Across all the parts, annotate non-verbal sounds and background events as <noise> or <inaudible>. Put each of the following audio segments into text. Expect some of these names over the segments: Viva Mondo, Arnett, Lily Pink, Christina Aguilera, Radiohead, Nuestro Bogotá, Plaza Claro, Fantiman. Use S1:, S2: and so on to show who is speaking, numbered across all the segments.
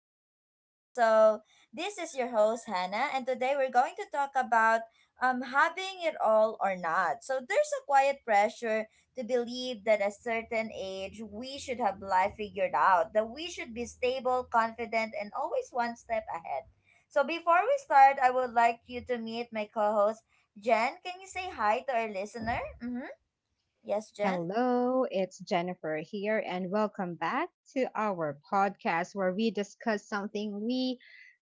S1: and Rian. So, this is your host, Hannah. And today we're going to talk about having it all or not. So, there's a quiet pressure to believe that at a certain age we should have life figured out, that we should be stable, confident, and always one step ahead. So before we start, I would like you to meet my co-host Jen, can you say hi to our listener? Mm-hmm. Yes, Jen?
S2: Hello, it's Jennifer here, and welcome back to our podcast where we discuss something we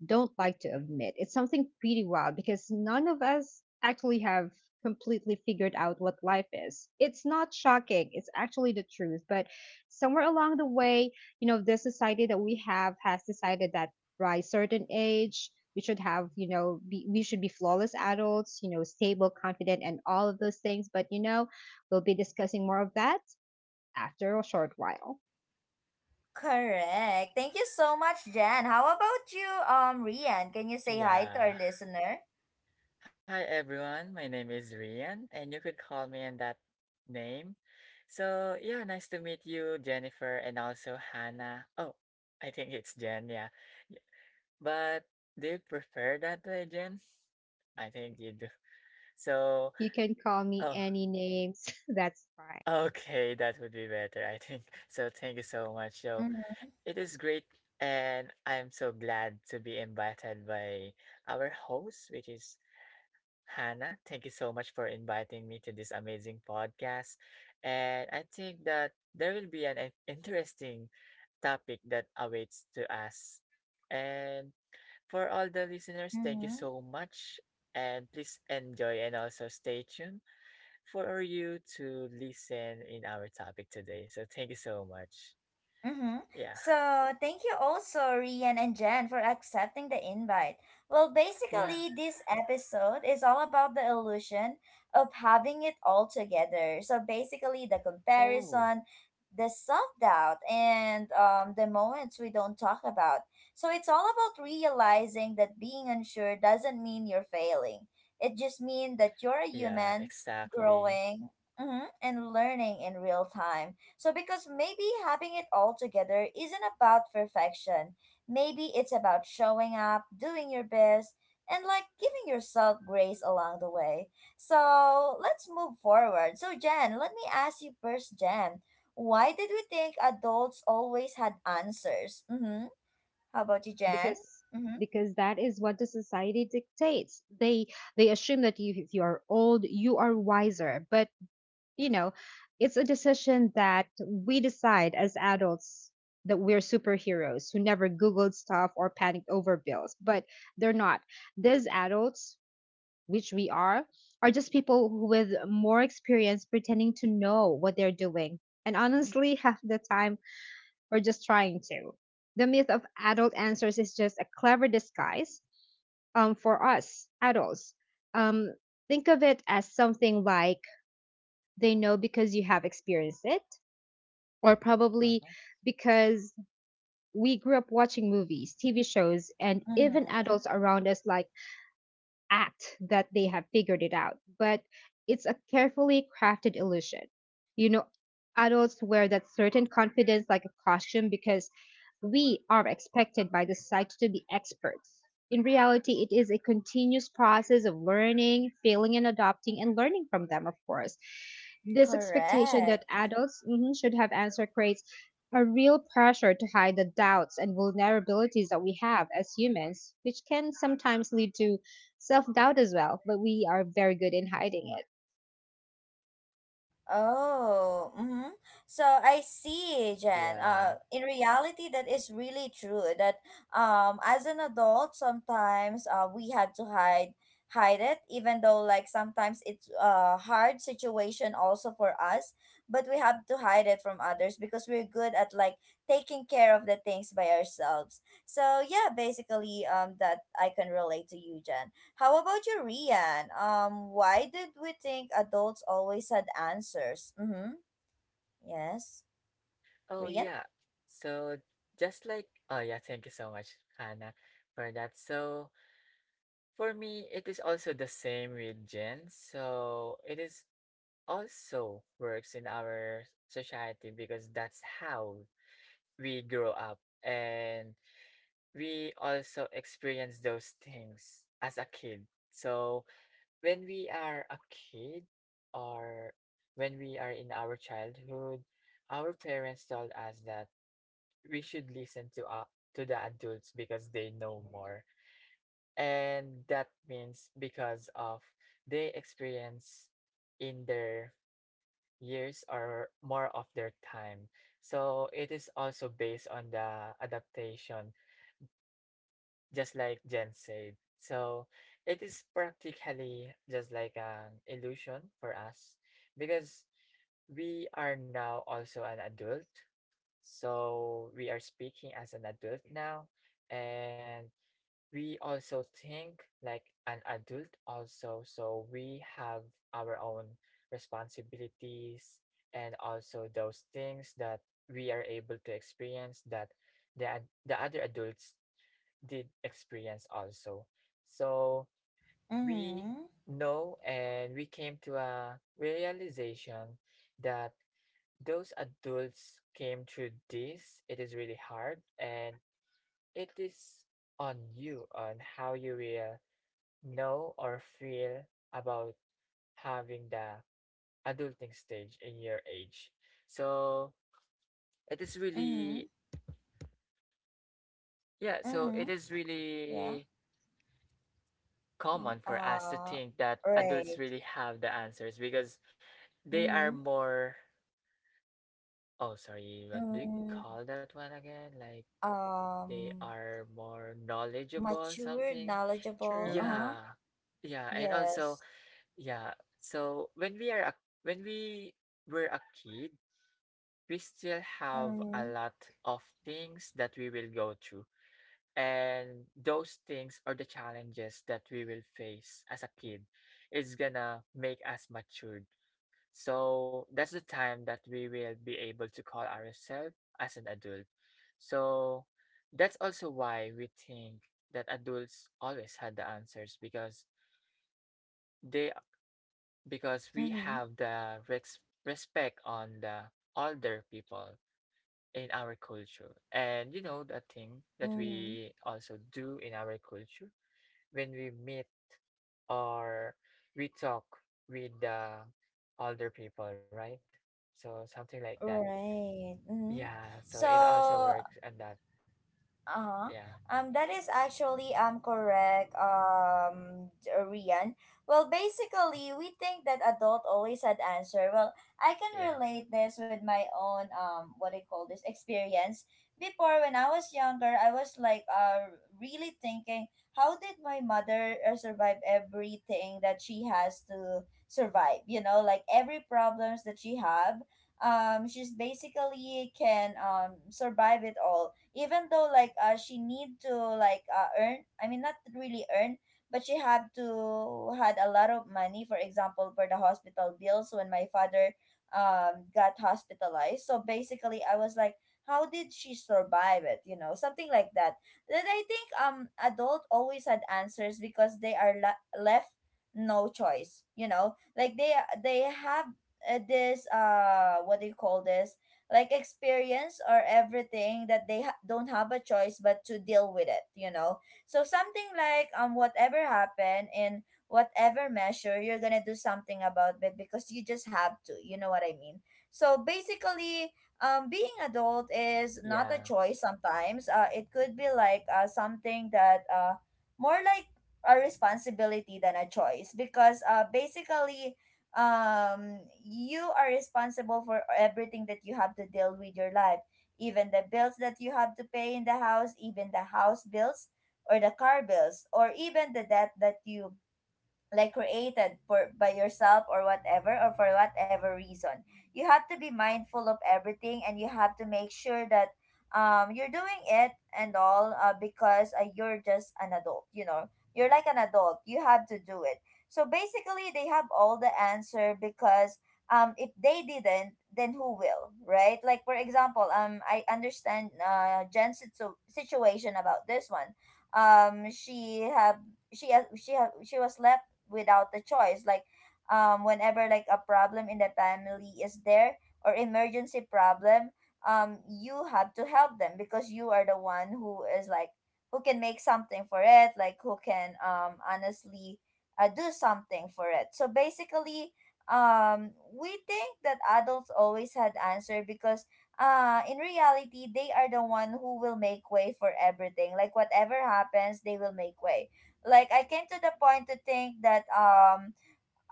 S2: don't like to admit. It's something pretty wild because none of us actually have completely figured out what life is. It's not shocking, it's actually the truth. But somewhere along the way, the society that we have has decided that by a certain age, we should have, we should be flawless adults, stable, confident, and all of those things. But, we'll be discussing more of that after a short while.
S1: Correct. Thank you so much, Jen. How about you, Rian? Can you say hi to our
S3: Yeah.
S1: listener?
S3: Hi everyone, my name is Rian, and you could call me in that name. So, yeah, nice to meet you, Jennifer, and also Hannah. Oh, I think it's Jen, yeah. Y- But do you prefer that way, Jen? I think you do. So,
S2: You can call me
S3: oh,
S2: any names. <laughs> That's fine.
S3: okay, that would be better, I think. <laughs> So, thank you so much. So,
S1: Mm-hmm.
S3: it is great, and I'm so glad to be invited by our host, which is Hannah. Thank you so much for inviting me to this amazing podcast. And I think that there will be an interesting topic that awaits to us. And for all the listeners, thank you
S1: Mm-hmm.
S3: so much. And please enjoy and also stay tuned for you to listen in our topic today. So thank you so much.
S1: Mm-hmm.
S3: Yeah.
S1: So, thank you also, Rian and Jen, for accepting the invite. Well,
S3: Yeah.
S1: basically, this episode is all about the illusion of having it all together. So, basically, the
S3: Oh,
S1: comparison, the self doubt, and the moments we don't talk about. So, it's all about realizing that being unsure doesn't mean you're failing, it just means that you're a
S3: yeah,
S1: human
S3: exactly.
S1: growing and learning in real time. So, because maybe having it all together isn't about perfection, maybe it's about showing up, doing your best, and like giving yourself grace along the way. So, let's move forward. So, Jen, let me ask you first, Jen, why did we think adults always had answers? Mm-hmm. How about you, Jen?
S2: because
S1: Mm-hmm.
S2: because that is what the society dictates. They assume that you, if you are old, you are wiser. But you know it's a decision that we decide as adults, that we're superheroes who never googled stuff or panicked over bills. But they're not. These adults, which we are just people who with more experience pretending to know what they're doing. And honestly, <laughs> half the time we're just trying to. The myth of adult answers is just a clever disguise for us adults. Um, think of it as something like they know because you have experienced it, or probably
S3: Uh-huh.
S2: because we grew up watching movies, TV shows, and even
S1: Mm-hmm.
S2: adults around us like act that they have figured it out, but it's a carefully crafted illusion. You know, adults wear that certain confidence like a costume because we are expected by the society to be experts. In reality, it is a continuous process of learning, failing, and adopting, and learning from them, of course. This expectation that
S1: Correct.
S2: adults should have answer creates a real pressure to hide the doubts and vulnerabilities that we have as humans, which can sometimes lead to self doubt as well, but we are very good in hiding it.
S1: Oh, mm-hmm. So I see, Jen.
S3: Yeah.
S1: In reality, that is really true. That as an adult, sometimes we had to hide it, even though like sometimes it's a hard situation also for us, but we have to hide it from others because we're good at like taking care of the things by ourselves. So yeah, basically, that I can relate to you, Jen. How about you, Rian? Why did we think adults always had answers? Mm-hmm. Yes.
S3: Oh,
S1: Rian?
S3: yeah. So just like, oh, yeah, thank you so much, Hannah, for that. So for me, it is also the same with Jen. So it is also works in our society because that's how we grow up and we also experience those things as a kid. So when we are a kid, or when we are in our childhood, our parents told us that we should listen to to the adults because they know more, and that means because of they experience in their years or more of their time. So it is also based on the adaptation, just like Jen said. So it is practically just like an illusion for us, because we are now also an adult, so we are speaking as an adult now. And we also think like an adult also, so we have our own responsibilities and also those things that we are able to experience that the other adults did experience also. So we
S1: Mm-hmm.
S3: know and we came to a realization that those adults came through this. It is really hard, and it is on you on how you will know or feel about having the adulting stage in your age. So it is
S1: Mm-hmm.
S3: really, yeah, so it
S1: Mm-hmm.
S3: is
S1: Yeah.
S3: really
S1: Y-
S3: common for us to
S1: Uh,
S3: think that adults
S1: right.
S3: really have the answers because they are
S1: Mm-hmm.
S3: more, oh, sorry, what do you
S1: Mm-hmm.
S3: call that one again? Like, they
S1: Um,
S3: are more knowledgeable,
S1: matured,
S3: something.
S1: knowledgeable.
S2: True.
S1: Uh-huh.
S3: Yeah, yeah, and also,
S1: Yes.
S3: yeah, so when we are a when we were a kid, we still have a
S1: Mm-hmm.
S3: lot of things that we will go through. And those things or the challenges that we will face as a kid is gonna make us matured. So that's the time that we will be able to call ourselves as an adult. So that's also why we think that adults always had the answers because they because we
S1: Mm-hmm.
S3: have the respect on the older people in our culture. And you know that thing that
S1: Mm-hmm.
S3: we also do in our culture when we meet or we talk with the older people, right? So something like that.
S1: Right. Mm-hmm.
S3: Yeah, so it also
S1: So,
S3: works and that,
S1: Uh-huh.
S3: yeah,
S1: That is actually correct, Rian. Well, basically, we think that adult always had answer. Well, I can
S3: yeah,
S1: relate this with my own what do you call this experience. Before, when I was younger, I was like really thinking, how did my mother survive everything that she has to survive? You know, like every problems that she have, she's basically can survive it all even though like she need to like earn. I mean, not really earn, but she had to had a lot of money, for example, for the hospital bills when my father got hospitalized. So basically, I was like, how did she survive it, you know, something like that. Then I think adult always had answers because they are left no choice, you know, like they have this what do you call this, like experience or everything that they don't have a choice but to deal with it, you know. So something like whatever happened in whatever measure, you're gonna do something about it because you just have to, you know what I mean. So basically, being adult is not a
S3: yeah,
S1: choice. Sometimes it could be like something that more like a responsibility than a choice, because basically, you are responsible for everything that you have to deal with your life, even the bills that you have to pay in the house, even the house bills or the car bills, or even the debt that you like created for by yourself or whatever, or for whatever reason. You have to be mindful of everything, and you have to make sure that you're doing it and all, because you're just an adult, you know. You're like an adult, you have to do it. So basically, they have all the answer because if they didn't, then who will, right? Like for example, I understand Jen's situation about this one. She have she has she have she was left without the choice. Like whenever like a problem in the family is there or emergency problem, you have to help them because you are the one who is like who can make something for it, like who can honestly do something for it. So basically, we think that adults always had answer because in reality, they are the one who will make way for everything. Like whatever happens, they will make way. Like I came to the point to think that um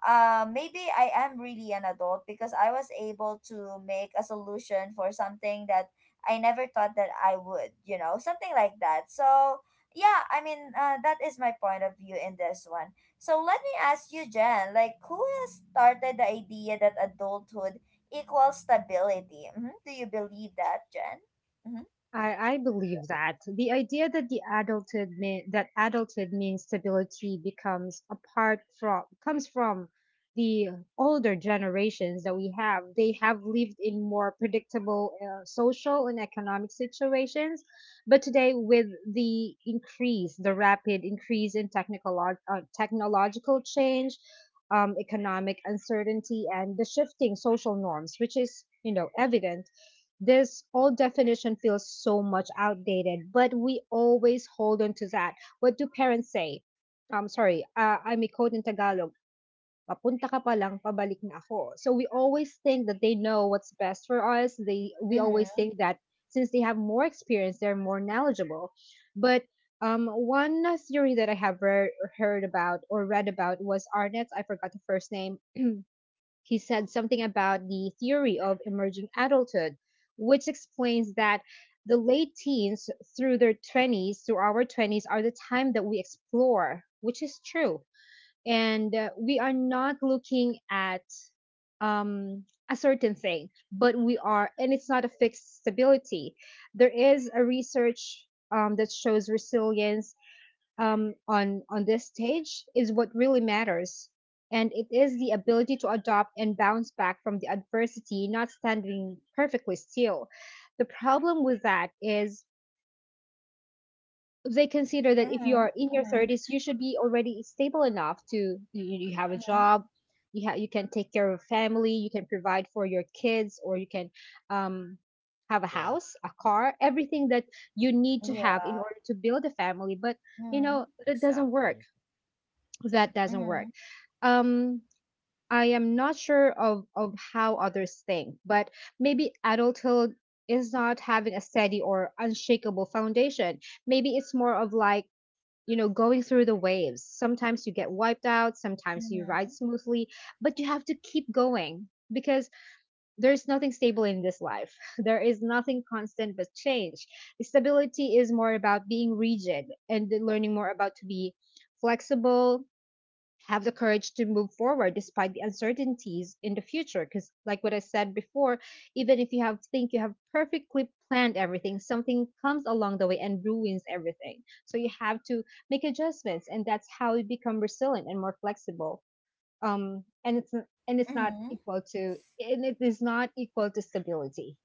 S1: uh maybe I am really an adult because I was able to make a solution for something that I never thought that I would, you know, something like that. So yeah, I mean, that is my point of view in this one. So let me ask you, Jen, like who has started the idea that adulthood equals stability? Do you believe that, Jen? Mm-hmm.
S2: I believe that the idea that that adulthood means stability becomes apart from comes from the older generations that we have. They have lived in more predictable social and economic situations, but today with the rapid increase in technical technological change, economic uncertainty, and the shifting social norms, which is evident. This old definition feels so much outdated, but we always hold on to that. What do parents say? Sorry, I may quote in Tagalog, papunta ka pa lang, pabalik na ako. So we always think that they know what's best for us. They We always
S1: Mm-hmm.
S2: think that since they have more experience, they're more knowledgeable. But one theory that I have heard about or read about was Arnett's. I forgot the first name. He said something about the theory of emerging adulthood, which explains that the late teens through their 20s through our 20s are the time that we explore, which is true. And we are not looking at um, a certain thing, but we are, and it's not a fixed stability. There is a research that shows resilience on this stage is what really matters, and it is the ability to adopt and bounce back from the adversity, not standing perfectly still. The problem with that is they consider that if you
S1: Mm-hmm.
S2: are in your
S1: Mm-hmm.
S2: 30s, you should be already stable enough to you have a
S1: Mm-hmm.
S2: job, you can take care of family, you can provide for your kids, or you can um, have a
S3: yeah.
S2: house, a car, everything that you need to
S3: Uh-huh.
S2: have in order
S1: Yeah.
S2: to build a family. But you
S1: Mm-hmm.
S2: know
S3: Exactly.
S2: that doesn't work.
S1: Mm-hmm.
S2: Um, I am not sure of how others think, but maybe adulthood is not having a steady or unshakable foundation. Maybe it's more of like, you know, going through the waves. Sometimes you get wiped out, sometimes you ride
S1: Mm-hmm.
S2: smoothly, but you have to keep going because there's nothing stable in this life. <laughs> There is nothing constant but change. Stability is more about being rigid, and learning more about to be flexible, have the courage to move forward despite the uncertainties in the future because like what I said before, even if you have think you have perfectly planned everything, something comes along the way and ruins everything. So you have to make adjustments, and that's how you become resilient and more flexible. And it's not
S1: Mm-hmm.
S2: equal to stability.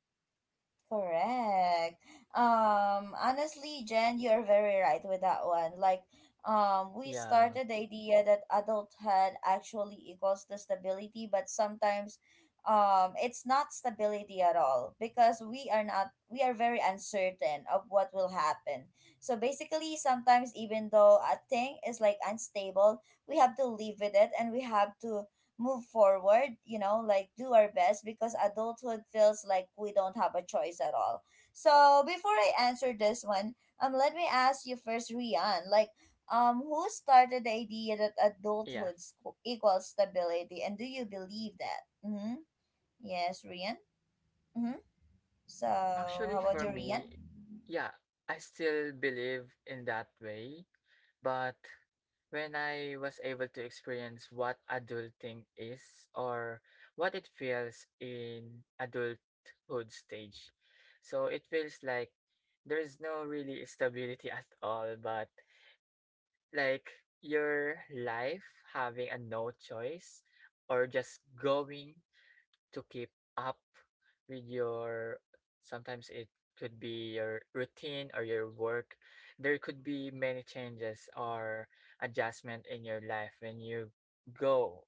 S1: Correct. Honestly, Jen, you're very right with that one. Like, we
S3: Yeah,
S1: started the idea that adulthood actually equals the stability, but sometimes, it's not stability at all, because we are not, we are very uncertain of what will happen. So basically, sometimes even though a thing is like unstable, we have to live with it and we have to move forward, you know, like do our best, because adulthood feels like we don't have a choice at all. So before I answer this one, let me ask you first, Rian, like, who started the idea that
S3: yeah.
S1: adulthood equals stability, and do you believe that? Mm-hmm. Yes, Rian. Mm-hmm. So how
S3: Actually,
S1: about
S3: for
S1: you, Rian?
S3: me, yeah, I still believe in that way. But when I was able to experience what adulting is, or what it feels in adulthood stage, so it feels like there's no really stability at all, but like your life having a no choice or just going to keep up with your, sometimes it could be your routine or your work. There could be many changes or adjustment in your life when you go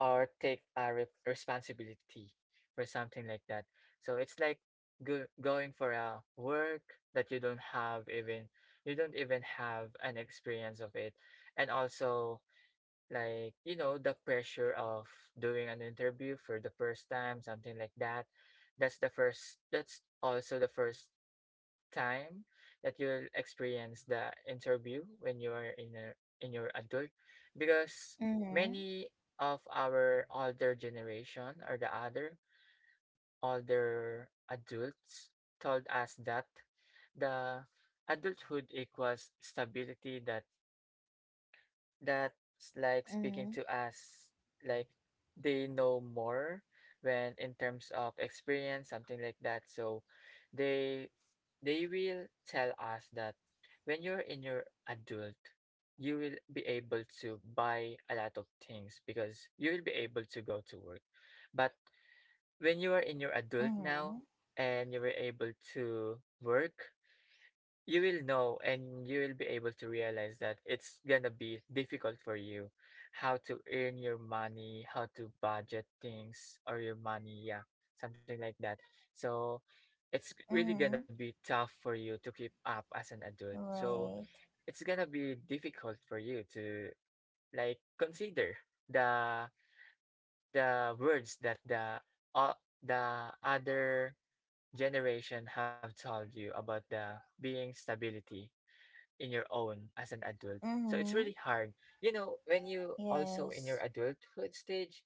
S3: or take a responsibility for something like that. So it's like going for a work that you don't have even, you don't even have an experience of it. And also, like, you know, the pressure of doing an interview for the first time, something like that. That's the first, that's also the first time that you'll experience the interview when you are in a, in your adult. Because
S1: Mm-hmm.
S3: many of our older generation or the other older adults told us that the adulthood equals stability. That that's like speaking
S1: Mm-hmm.
S3: to us, like they know more when in terms of experience, something like that. So they they will tell us that when you're in your adult, you will be able to buy a lot of things because you will be able to go to work. But when you are in your adult now
S1: Mm-hmm.
S3: and you were able to work, you will know and you will be able to realize that it's gonna be difficult for you how to earn your money, how to budget things or your money, yeah, something like that. So it's really gonna
S1: Mm-hmm.
S3: be tough for you to keep up as an adult. So
S1: Right.
S3: it's gonna be difficult for you to like consider the the words that uh, the other generation have told you about the being stability in your own as an adult. So it's
S1: Mm-hmm.
S3: really hard. You know, when you also in your
S1: Yes.
S3: adulthood stage,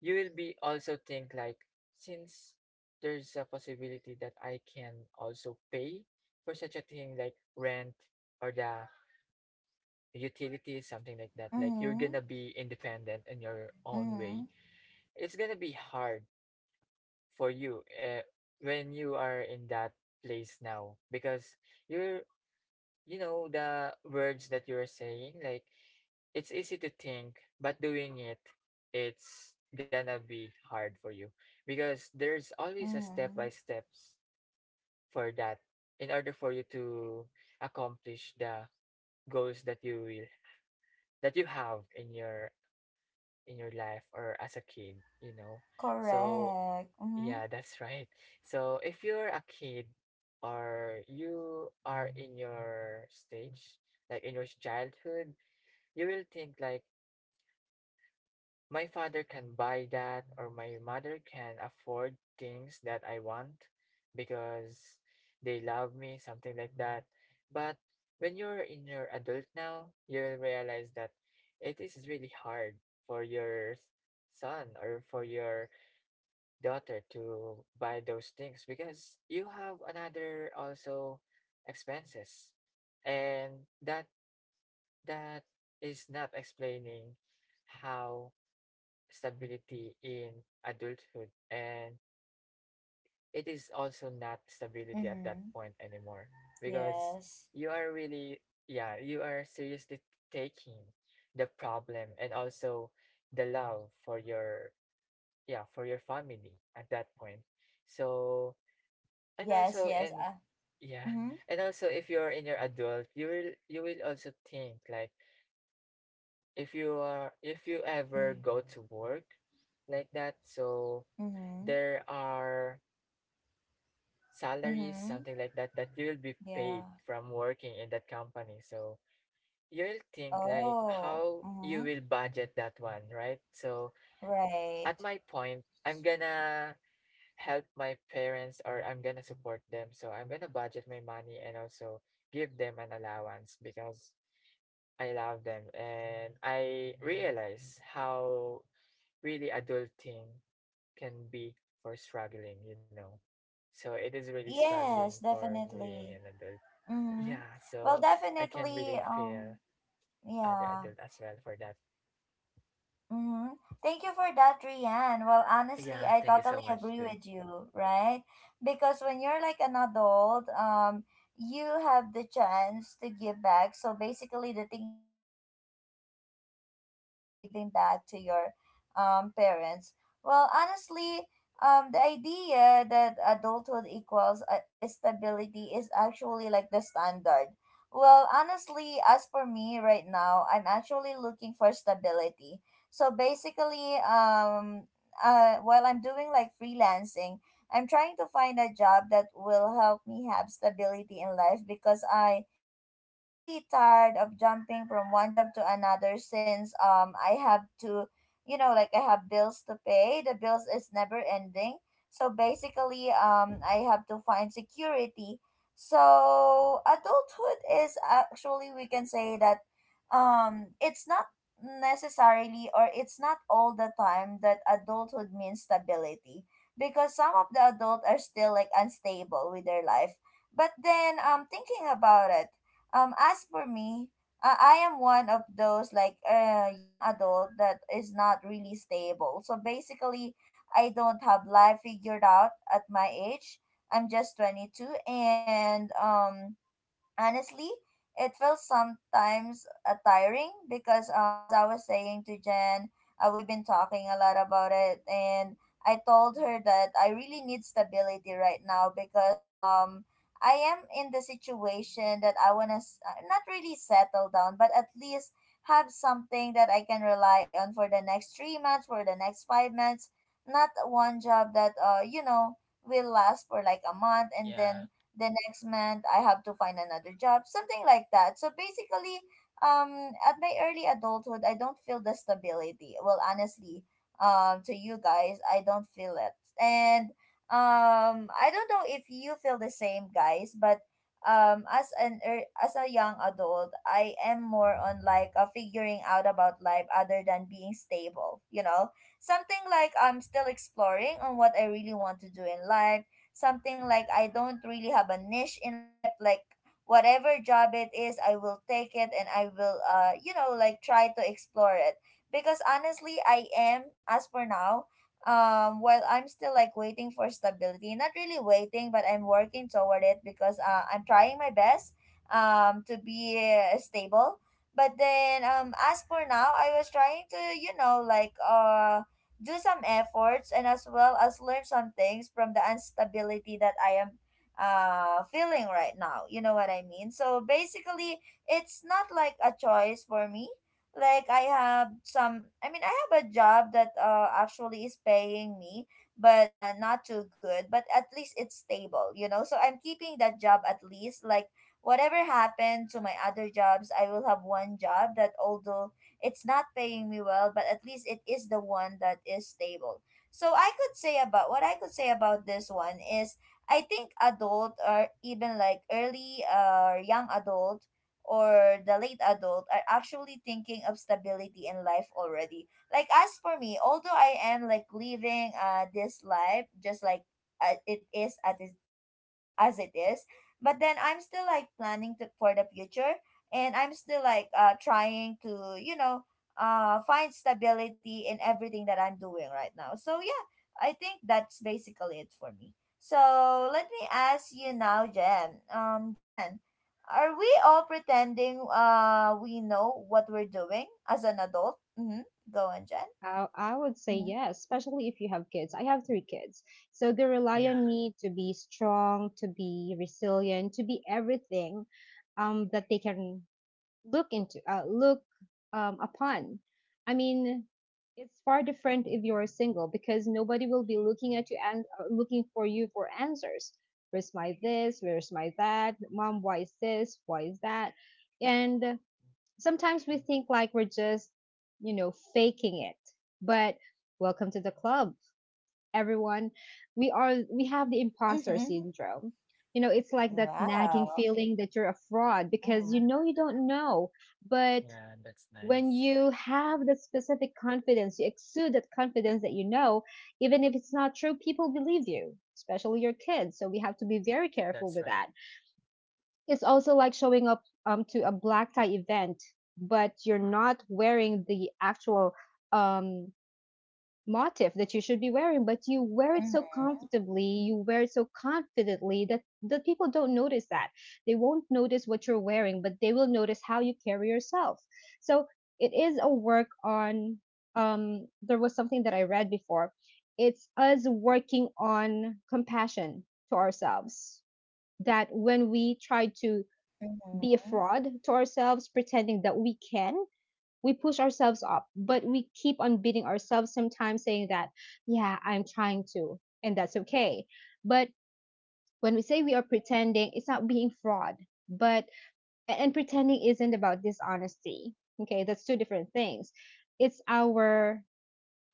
S3: you will be also think like, since there's a possibility that I can also pay for such a thing like rent or the utilities, something like that. Like you're
S1: Mm-hmm.
S3: gonna be independent in your own
S1: Mm-hmm.
S3: way. It's gonna be hard for you when you are in that place now because you're, you know, the words that you're saying like, it's easy to think, but doing it, it's gonna be hard for you because there's always a step
S1: Mm-hmm.
S3: by steps for that in order for you to accomplish the goals that you will, that you have in your, in your life or as a kid, you know. So
S1: Correct. Mm-hmm.
S3: yeah, that's <laughs> right. So if you're a kid or you are in your stage, like in your childhood, you will think like, my father can buy that, or my mother can afford things that I want because they love me, something like that. But when you're in your adult now, you'll realize that it is really hard for your son or for your daughter to buy those things because you have another also expenses. And that is not explaining how stability in adulthood, and it is also not stability at that
S1: Mm-hmm.
S3: point anymore, because
S1: Yes.
S3: you are really, yeah, you are seriously taking the problem and also the love for your, yeah, for your family at that point. So
S1: Oh,
S3: and
S1: yes,
S3: also
S1: yes.
S3: and yeah,
S1: Mm-hmm.
S3: and also if you're in your adult, you will, you will also think like, if you are, if you ever
S1: Mm-hmm.
S3: go to work like that. So
S1: Mm-hmm.
S3: there are salaries,
S1: Mm-hmm.
S3: something like that, that you will be paid
S1: Yeah.
S3: from working in that company. So you will think like
S1: Oh.
S3: how you
S1: Mm-hmm.
S3: will budget that one, right? So
S1: Right.
S3: at my point, I'm gonna help my parents, or I'm gonna support them. So I'm gonna budget my money and also give them an allowance because I love them, and I realize how really adulting can be for struggling, you know. So it is really
S1: Yes,
S3: struggling for being
S1: definitely.
S3: an adult.
S1: Mm-hmm.
S3: Yeah,
S1: Well,
S3: so I can
S1: definitely,
S3: really feel other
S1: yeah.
S3: adult as well for that.
S1: Mm-hmm. Thank you for that, Rianne. Well, honestly, I
S3: Yeah, thank you
S1: totally
S3: so
S1: agree
S3: much,
S1: with
S3: dude.
S1: you, right? Because when you're like an adult, you have the chance to give back. So basically, the thing that you're doing, in your case, Rianne, is giving back to your parents. Well, honestly, the idea that adulthood equals stability is actually like the standard. Well, honestly, as for me right now, I'm actually looking for stability, so basically, while I'm doing like freelancing, I'm trying to find a job that will help me have stability in life because I am really tired of jumping from one job to another, since I have to, you know, like I have bills to pay. The bills is never ending. So basically, I have to find security. So adulthood is actually, we can say that it's not necessarily, or it's not all the time that adulthood means stability, because some of the adults are still like unstable with their life. But then thinking about it, as for me, I am one of those like young adult that is not really stable. So basically, I don't have life figured out at my age. I'm just 22, and honestly, it feels sometimes tiring because, as I was saying to Jen, we've been talking a lot about it, and I told her that I really need stability right now because I am in the situation that I wanna not really settle down, but at least have something that I can rely on for the next 3 months, for the next 5 months, not one job that you know will last for like a month, and then
S3: Yeah,
S1: the next month I have to find another job, something like that. So basically, at my early adulthood, I don't feel the stability. Well, honestly, to you guys, I don't feel it, and I don't know if you feel the same, guys, but as a young adult, I am more on like a figuring out about life other than being stable. You know, something like I'm still exploring on what I really want to do in life, something like I don't really have a niche in life. Like whatever job it is, I will take it, and I will you know like try to explore it, because honestly, I am, as for now, while I'm still like waiting for stability, not really waiting, but I'm working toward it, because I'm trying my best to be stable. But then as for now, I was trying to, you know, like do some efforts, and as well as learn some things from the instability that I am feeling right now. You know what I mean? So basically, it's not like a choice for me. Like I mean I have a job that actually is paying me, but not too good, but at least it's stable, so I'm keeping that job, at least like whatever happened to my other jobs, I will have one job that, although it's not paying me well, but at least it is the one that is stable. So I could say about this one is, I think adult, or even like early or young adult, or the late adult, are actually thinking of stability in life already. Like, as for me, although I am like living this life just like it is at it- as it is, but then I'm still like planning for the future, and I'm still like trying to find stability in everything that I'm doing right now. So yeah, I think that's basically it for me. So let me ask you now, Jen. Jen, are we all pretending we know what we're doing as an adult? Mm-hmm. Go on, Jen.
S2: I would say
S1: Mm-hmm.
S2: yes, especially if you have kids. I have three kids. So they rely
S3: yeah,
S2: on me to be strong, to be resilient, to be everything that they can look upon. I mean, it's far different if you're single because nobody will be looking at you and looking for you for answers. Where's my this? Where's my that? Mom, why is this? Why is that? And sometimes we think like we're just, faking it. But welcome to the club, everyone. We have the imposter
S1: Mm-hmm.
S2: syndrome. You know, it's like that nagging
S1: Wow.
S2: feeling that you're a fraud because you
S1: Mm-hmm.
S2: know you don't know. But
S3: yeah, that's
S2: when
S3: nice.
S2: you have that specific confidence, you exude that confidence that you know, even if it's not true, people believe you, especially your kids. So we have to be very careful
S3: That's
S2: with
S3: right.
S2: that. It's also like showing up to a black tie event, but you're not wearing the actual um, motif that you should be wearing, but you wear it so
S1: Mm-hmm.
S2: comfortably, you wear it so confidently that the people don't notice that. They won't notice what you're wearing, but they will notice how you carry yourself. So it is a work on. There was something that I read before. It's us working on compassion to ourselves. That when we try to be a
S1: Mm-hmm.
S2: fraud to ourselves, pretending that we can. We push ourselves up, but we keep on beating ourselves sometimes, saying that, yeah, I'm trying to, and that's okay. But when we say we are pretending, it's not being fraud, but and pretending isn't about dishonesty. Okay, that's two different things. It's our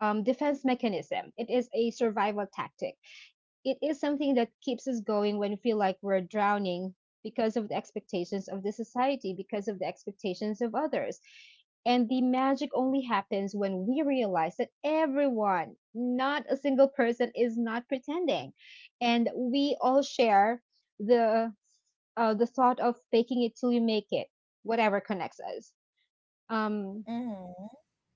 S2: defense mechanism. It is a survival tactic. It is something that keeps us going when we feel like we're drowning because of the expectations of the society, because of the expectations of others. And the magic only happens when we realize that everyone, not a single person, is not pretending. And we all share the the thought of faking it till you make it, whatever connects us. Um,
S1: Mm-hmm.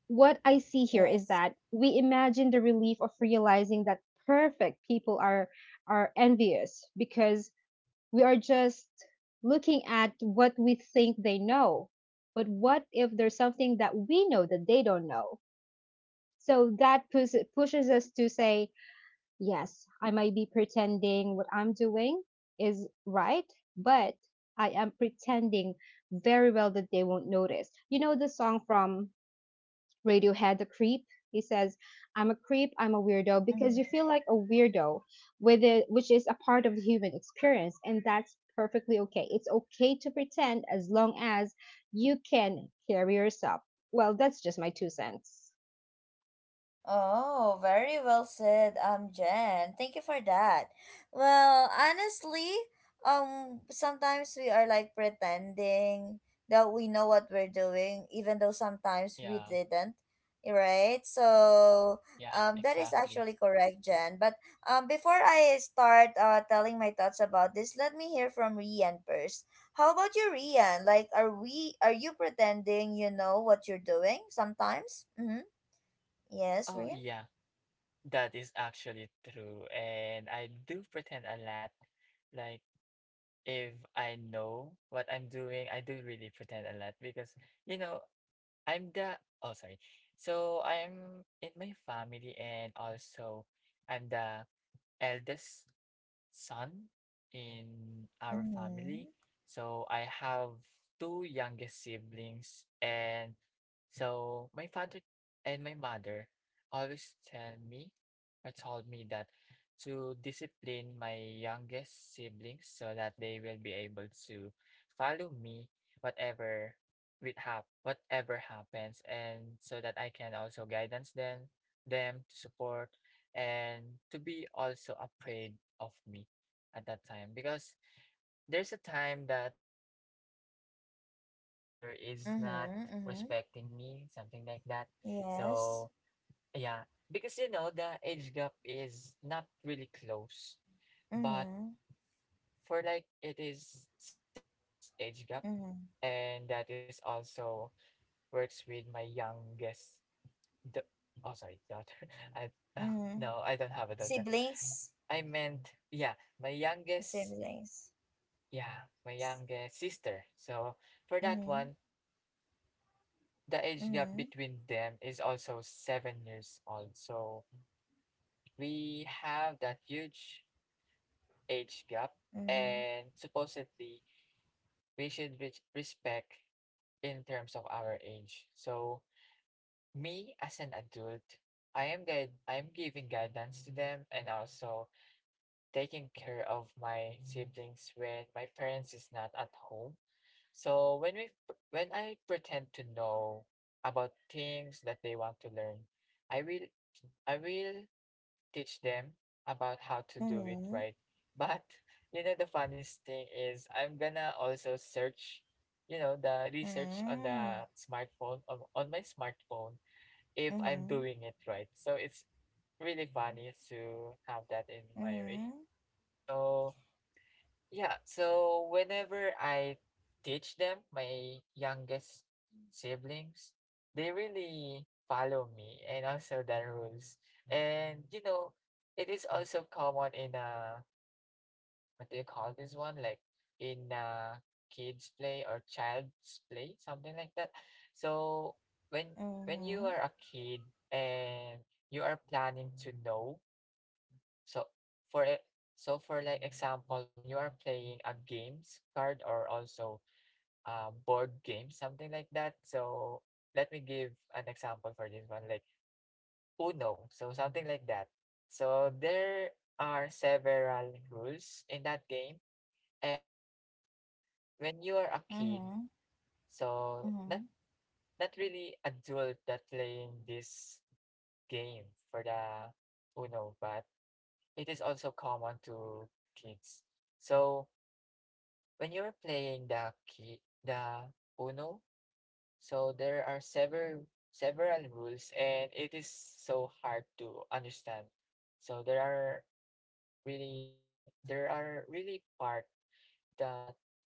S2: what I see here is
S1: Yes.
S2: that we imagine the relief of realizing that perfect people are envious because we are just looking at what we think they know. But what if there's something that we know that they don't know? So that pushes us to say, yes, I might be pretending what I'm doing is right, but I am pretending very well that they won't notice. You know the song from Radiohead, the creep. He says, I'm a creep, I'm a weirdo, because you
S1: Mm-hmm.
S2: feel like a weirdo with it, which is a part of the human experience. And that's perfectly okay. It's okay to pretend as long as you can carry yourself. Well, that's just my two cents.
S1: Oh, very well said, Jen. Thank you for that. Well, honestly, sometimes we are like pretending that we know what we're doing, even though sometimes we
S3: Yeah,
S1: didn't, right? So,
S3: yeah,
S1: that is
S3: exactly.
S1: actually correct, Jen. But before I start telling my thoughts about this, let me hear from Rian first. How about you, Rian? Like, are you pretending you know what you're doing sometimes? Mm-hmm. Yes,
S3: Oh,
S1: Rian.
S3: yeah, that is actually true. And I do pretend a lot. Like, if I know what I'm doing, I do really pretend a lot because, you know, I'm the, oh, sorry. So I'm in my family, and also I'm the eldest son in our family.
S1: Mm-hmm.
S3: So I have two youngest siblings. And so my father and my mother always tell me or told me that to discipline my youngest siblings so that they will be able to follow me whatever, with whatever happens, and so that I can also guidance them, them to support and to be also afraid of me at that time because there's a time that my younger brother is not
S1: Mm-hmm. Mm-hmm.
S3: respecting me, something like that. So,
S1: Yes.
S3: yeah, because you know, the age gap is not really close, but
S1: Mm-hmm.
S3: for like it is 7 years age gap,
S1: Mm-hmm.
S3: and that is also works with my youngest the, oh, sorry, daughter. <laughs> I <laughs>
S1: Mm-hmm.
S3: no, I don't have a daughter.
S1: Siblings.
S3: I meant, my youngest,
S1: Siblings.
S3: yeah, my youngest sister. So for that
S1: Mm-hmm.
S3: one, the age gap
S1: Mm-hmm.
S3: between them is also 7 years old. So we have that huge age gap, and supposedly we should respect in terms of our age. So me as an adult, I am guide, I am giving guidance to them, and also taking care of my siblings when my parents is not at home. So when we, when I pretend to know about things that they want to learn, I will, I will teach them about how to do it
S1: Mm-hmm.
S3: right. But <laughs> you know the funniest thing is I'm gonna also search, you know, the research on the smartphone on my smartphone if I'm
S1: Mm-hmm.
S3: doing it right. So it's really funny to have that in my way.
S1: Mm-hmm.
S3: So yeah, so whenever I teach them, my youngest siblings, they really follow me and also the rules. And you know, it is also common in what do you call this one? Like in kids play or child's play, something like that. So when
S1: Mm-hmm.
S3: when you
S1: Mm-hmm.
S3: are a kid and you are planning to know so for e- so for like example, when you are playing a games card or also a board game, something like that. So let me give an example for this one, like Uno. So something like that. So there are several rules in that game, and when you are a kid,
S1: Mm-hmm.
S3: so
S1: Mm-hmm.
S3: not
S1: Mm-hmm.
S3: not really adult that playing this game for the Uno, but it is also common to kids. So when you're playing the key, the Uno, so there are several rules and it is so hard to understand. So there are really part that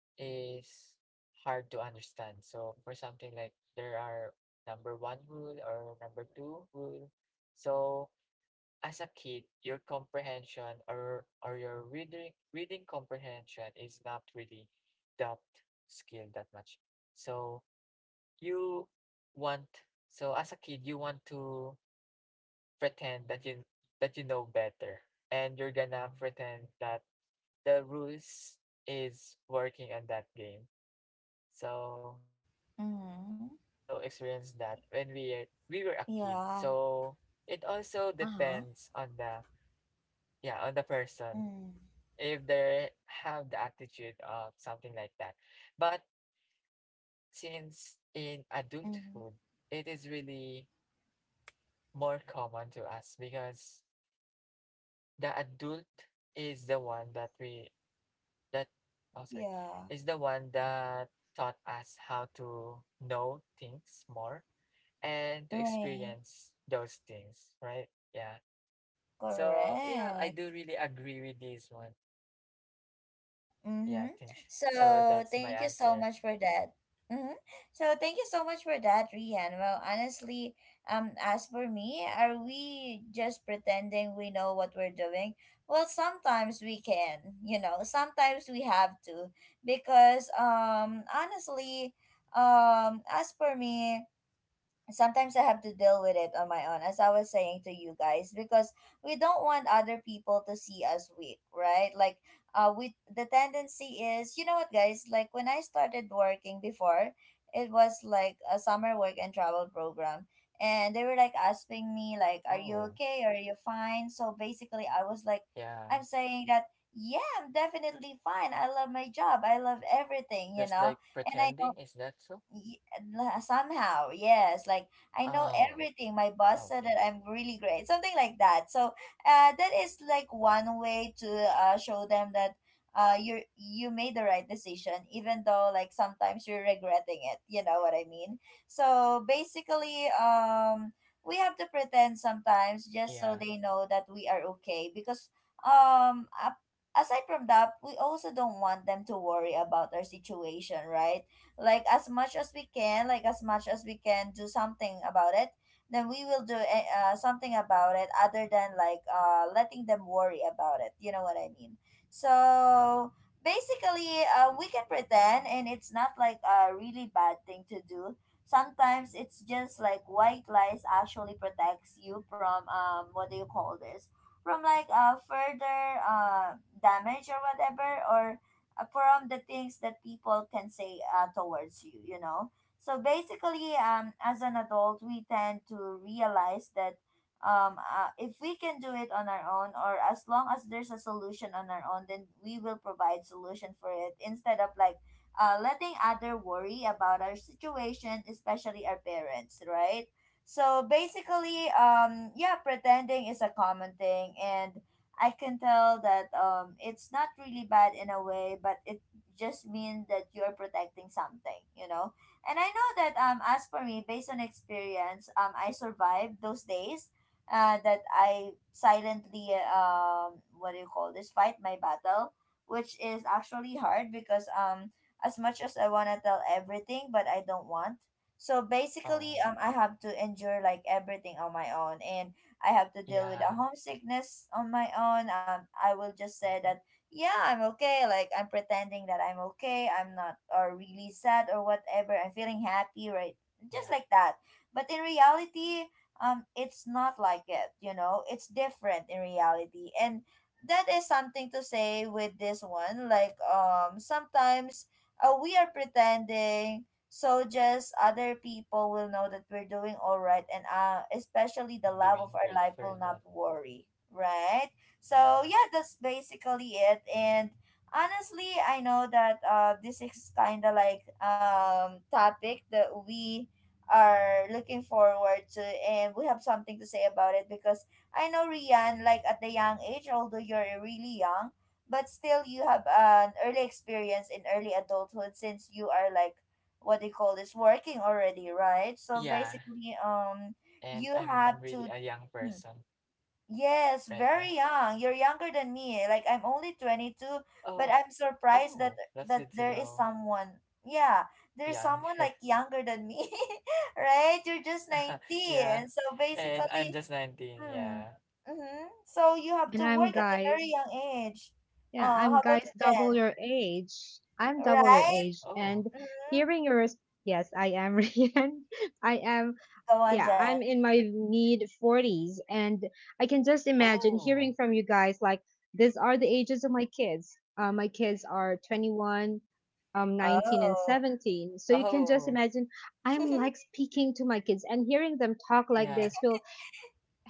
S3: is hard to understand. So for something like there are number one rule or number two rule. So as a kid, your comprehension or your reading comprehension is not really that skill that much. So you want so as a kid you want to pretend that you know better and you're gonna pretend that the rules is working on that game. So yeah, we
S1: Mm-hmm.
S3: do also experience that when we were a kid.
S1: Yeah.
S3: So it also
S1: Uh-huh.
S3: depends on the yeah on the person
S1: Mm-hmm.
S3: if they have the attitude of something like that. But since in adulthood, it is really more common to us because the adult is the one that we that oh sorry
S1: Yeah.
S3: is the one that taught us how to know things more and to
S1: Right.
S3: experience those things, right? Yeah. So yeah, I
S1: Correct.
S3: do really agree with this one. Yeah, I
S1: Mm-hmm.
S3: think
S1: So
S3: so that's my
S1: thank you so
S3: answer.
S1: much for that. Mm-hmm. So thank you so much for that, Rian. Well, honestly, as for me, are we just pretending we know what we're doing? Well, sometimes we can, sometimes we have to, because honestly, as for me, sometimes I have to deal with it on my own, as I was saying to you guys, because we don't want other people to see us weak, right? Like, we the tendency is, you know what, guys? Like when I started working before, it was like a summer work and travel program, and they were like asking me, like, "Are you
S3: Oh,
S1: okay? Are you fine?" So basically, I was like,
S3: yeah.
S1: I'm saying that. Yeah, I'm definitely fine. I love my job. I love everything, you
S3: Just
S1: know.
S3: like
S1: And I know
S3: pretending, is that so?
S1: y- somehow, yes, like I know
S3: Oh,
S1: everything. My boss said that
S3: okay.
S1: I'm really great, something like that, so that is like one way to show them that you made the right decision, even though like sometimes you're regretting it, you know what I mean? So basically, we have to pretend sometimes, just so
S3: Yeah.
S1: they know that we are okay, because um a- aside from that, we also don't want them to worry about our situation, right? Like, as much as we can, like as much as we can do something about it, then we will do something about it, other than like letting them worry about it, you know what I mean? So basically, we can pretend, and it's not like a really bad thing to do sometimes. It's just like white lies actually protects you from, what do you call this, from like further damage, or whatever, or from the things that people can say towards you, you know. So basically, as an adult, we tend to realize that, if we can do it on our own, or as long as there's a solution on our own, then we will provide solution for it, instead of like letting other worry about our situation, especially our parents, right? So basically, yeah, pretending is a common thing, and I can tell that it's not really bad in a way, but it just means that you're protecting something, you know. And I know that as for me, based on experience, I survived those days that I silently, what do you call this, fight my battle, which is actually hard, because as much as I wanna tell everything, but I don't want. So basically,
S3: Oh,
S1: I have to endure like everything on my own, and I have to deal with a
S3: yeah.
S1: homesickness on my own. I will just say that,
S3: hmm
S1: yeah, I'm okay. Like, I'm pretending that I'm okay. I'm not or really sad or whatever. I'm feeling happy, right? Just
S3: Yeah.
S1: like that. But in reality, it's not like it, you know? It's different in reality. And that is something to say with this one. Like, sometimes we are pretending so just other people will know that we're doing all right, and especially the
S3: I'm
S1: love of
S3: doing
S1: our life
S3: great
S1: will
S3: for
S1: not
S3: that.
S1: worry, right? So yeah,
S3: Yeah.
S1: that's basically it. And honestly, I know that this is kind of like topic that we are looking forward to, and we have something to say about it, because I know Rian, like at the young age, although you're really young, but still you have an early experience in early adulthood, since you are like what they call this, working already, right? So
S3: Yeah.
S1: basically, you
S3: And I'm
S1: have
S3: really
S1: to.
S3: a young
S1: Mm.
S3: person
S1: Yes,
S3: right
S1: very
S3: now.
S1: young. You're younger than me. Like, I'm only 22, but
S3: Oh,
S1: I'm surprised that
S3: oh, that's
S1: that
S3: good to
S1: there is
S3: know.
S1: someone. Yeah, there's someone
S3: Younger.
S1: like younger than me, <laughs> right? You're just
S3: <laughs> yeah.
S1: 19. So
S3: And I'm
S1: basically,
S3: just 19.
S1: hmm,
S3: Yeah.
S1: mm-hmm. So you have
S2: And
S1: to
S2: I'm
S1: work at a very
S2: guys.
S1: young age.
S2: Yeah, I'm
S1: How about
S2: guys
S1: you,
S2: double
S1: Jen?
S2: your age. I'm double your
S1: Right?
S2: age. And
S3: Oh,
S1: Mm-hmm.
S2: hearing your, yes, I am, <laughs> Rian. I am
S1: Go on,
S2: yeah,
S1: Jen.
S2: I'm in my mid 40s, and I can just imagine hearing
S3: oh,
S2: from you guys like these are the ages of my kids. My kids are 21, 19 and
S1: Oh.
S2: 17. So you can just
S3: oh,
S2: imagine I'm
S1: <laughs>
S2: like speaking to my kids, and hearing them talk like this
S3: yeah.
S2: will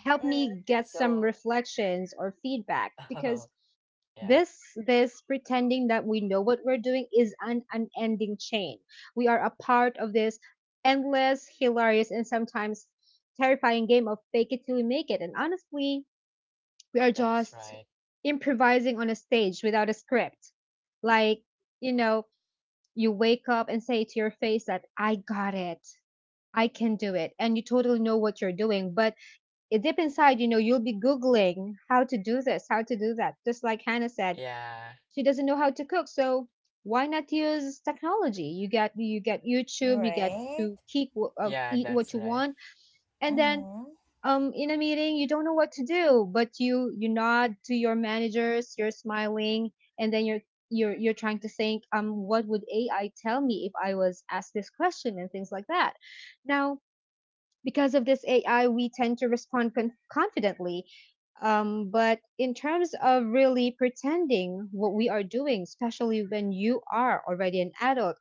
S2: help
S1: Mm,
S2: me get some
S3: So,
S2: reflections or feedback
S3: <laughs>
S2: because
S3: oh, yeah.
S2: this this pretending that we know what we're doing is an unending chain. We are a part of this endless, hilarious, and sometimes terrifying game of fake it till you make it. And honestly, we are just
S3: That's right.
S2: improvising on a stage without a script. Like, you know you wake up and say to your face that I got it, I can do it, and you totally know what you're doing. But it deep inside, you'll be googling how to do this, how to do that, just like Hannah said.
S3: Yeah.
S2: She doesn't know how to cook, so why not use technology? You get, YouTube. You get
S1: right.
S2: to eat
S3: Yeah,
S2: what you
S3: that's
S2: want.
S3: right.
S2: And then
S1: Mm-hmm.
S2: in a meeting you don't know what to do, but you nod to your managers, you're smiling, and then you're trying to think what would AI tell me if I was asked this question, and things like that. Now because of this AI, we tend to respond confidently. But in terms of really pretending what we are doing, especially when you are already an adult,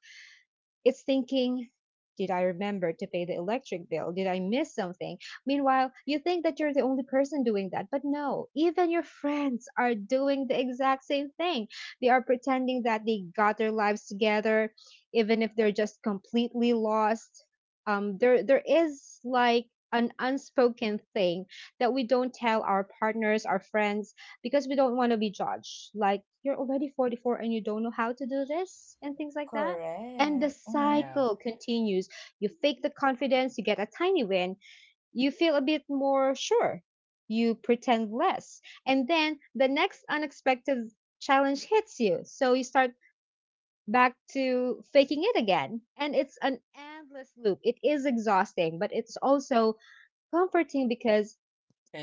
S2: it's thinking, did I remember to pay the electric bill? Did I miss something? Meanwhile, you think that you're the only person doing that, but no, even your friends are doing the exact same thing. They are pretending that they got their lives together, even if they're just completely lost. There is like an unspoken thing that we don't tell our partners, our friends, because we don't want to be judged. Like, you're already 44 and you don't know how to do this, and things like that. And the
S1: Correct. Mm-hmm.
S2: cycle
S3: Yeah.
S2: continues. You fake the confidence, you get a tiny win, you feel a bit more sure, you pretend less. And then the next unexpected challenge hits you. So you start back to faking it again. And it's an endless loop. It is exhausting, but it's also comforting because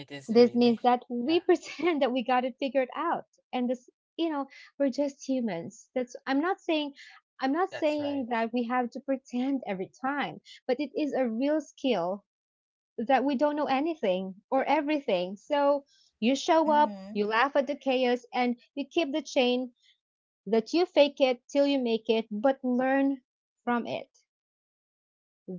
S3: It is
S2: this means
S3: really.
S2: that we
S3: Yeah,
S2: pretend <laughs> that we got it figured out, and this, you know, we're just humans. That's I'm not
S3: that's
S2: saying
S3: right.
S2: that we have to pretend every time, but it is a real skill that we don't know anything or everything. So you show up,
S1: Mm-hmm.
S2: you laugh at the chaos, and you keep the chain that you fake it till you make it, but learn from it.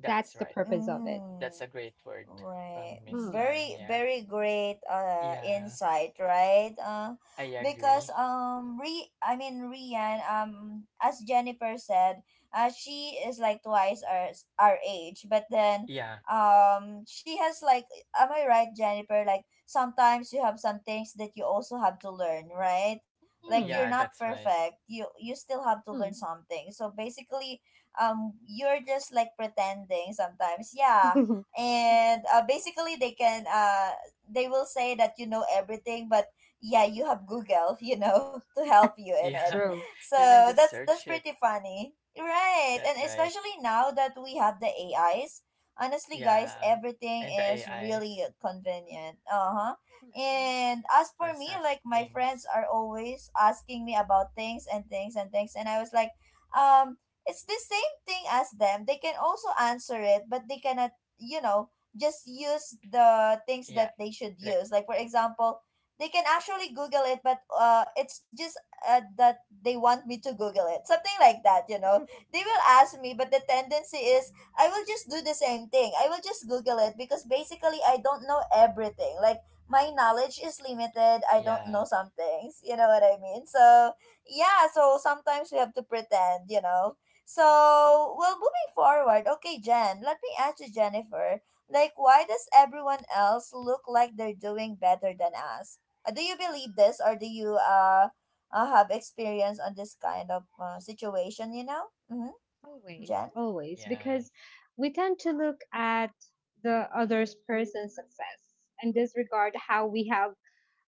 S2: That's the
S3: That's right.
S2: purpose of it.
S1: Mm.
S3: That's a great word
S1: Right.
S3: from
S2: Mm.
S3: Miss
S1: Very,
S3: Jen.
S1: very
S3: Yeah.
S1: great
S3: Yeah,
S1: insight, right?
S3: I
S1: Because
S3: agree.
S1: re I mean Rian, as Jennifer said, she is like twice our age, but then
S3: Yeah.
S1: she has like, am I right, Jennifer? Like, sometimes you have some things that you also have to learn, right? Like, you're
S2: Hmm.
S1: not
S3: Yeah, that's
S1: perfect.
S3: right.
S1: You still have to learn something. So basically, you're just like pretending sometimes. Yeah.
S2: Mm.
S1: And basically they will say that you know everything, but yeah, you have Google <laughs> to help you in it.
S2: <laughs>
S3: Yeah. <laughs>
S2: True.
S3: You
S1: So
S3: can
S1: that's
S3: just
S1: that's
S3: search
S1: pretty
S3: it.
S1: funny, right? And
S3: That's right.
S1: especially now that we have the AIs, honestly guys,
S3: Yeah.
S1: everything
S3: And the
S1: is really
S3: AIs
S1: convenient. Uh-huh. And as for me,
S3: for
S1: like
S3: such
S1: my friends are
S3: things.
S1: always asking me about things and things and things, and I was like, um it's the same thing as them. They can also answer it, but they cannot, you know, just use the things that
S3: Yeah.
S1: they should
S3: Like,
S1: use, like for example, they can actually google it, but it's just that they want me to google it, something like that, you know. They will ask me, but the tendency is I will just do the same thing. I will just google it, because basically I don't know everything. Like, my knowledge is limited. I don't know
S3: yeah.
S1: some things, you know what I mean? So yeah, so sometimes we have to pretend, you know. So, well, moving forward, okay, Jen, let me ask you, Jennifer, like, why does everyone else look like they're doing better than us? Do you believe this, or do you have experience on this kind of situation? You know, mm-hmm.
S2: Always,
S1: Jen.
S2: always, because
S3: Yeah.
S2: we tend to look at the other person's success and disregard how we have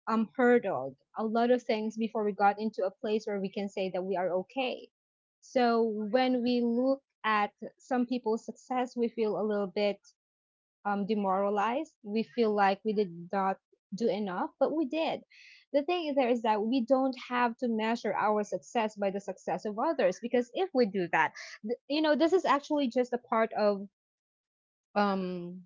S2: hurdled a lot of things before we got into a place where we can say that we are okay. So when we look at some people's success, we feel a little bit demoralized. We feel like we did not do enough, but we did. The thing is there is that we don't have to measure our success by the success of others because if we do that, you know, this is actually just a part of um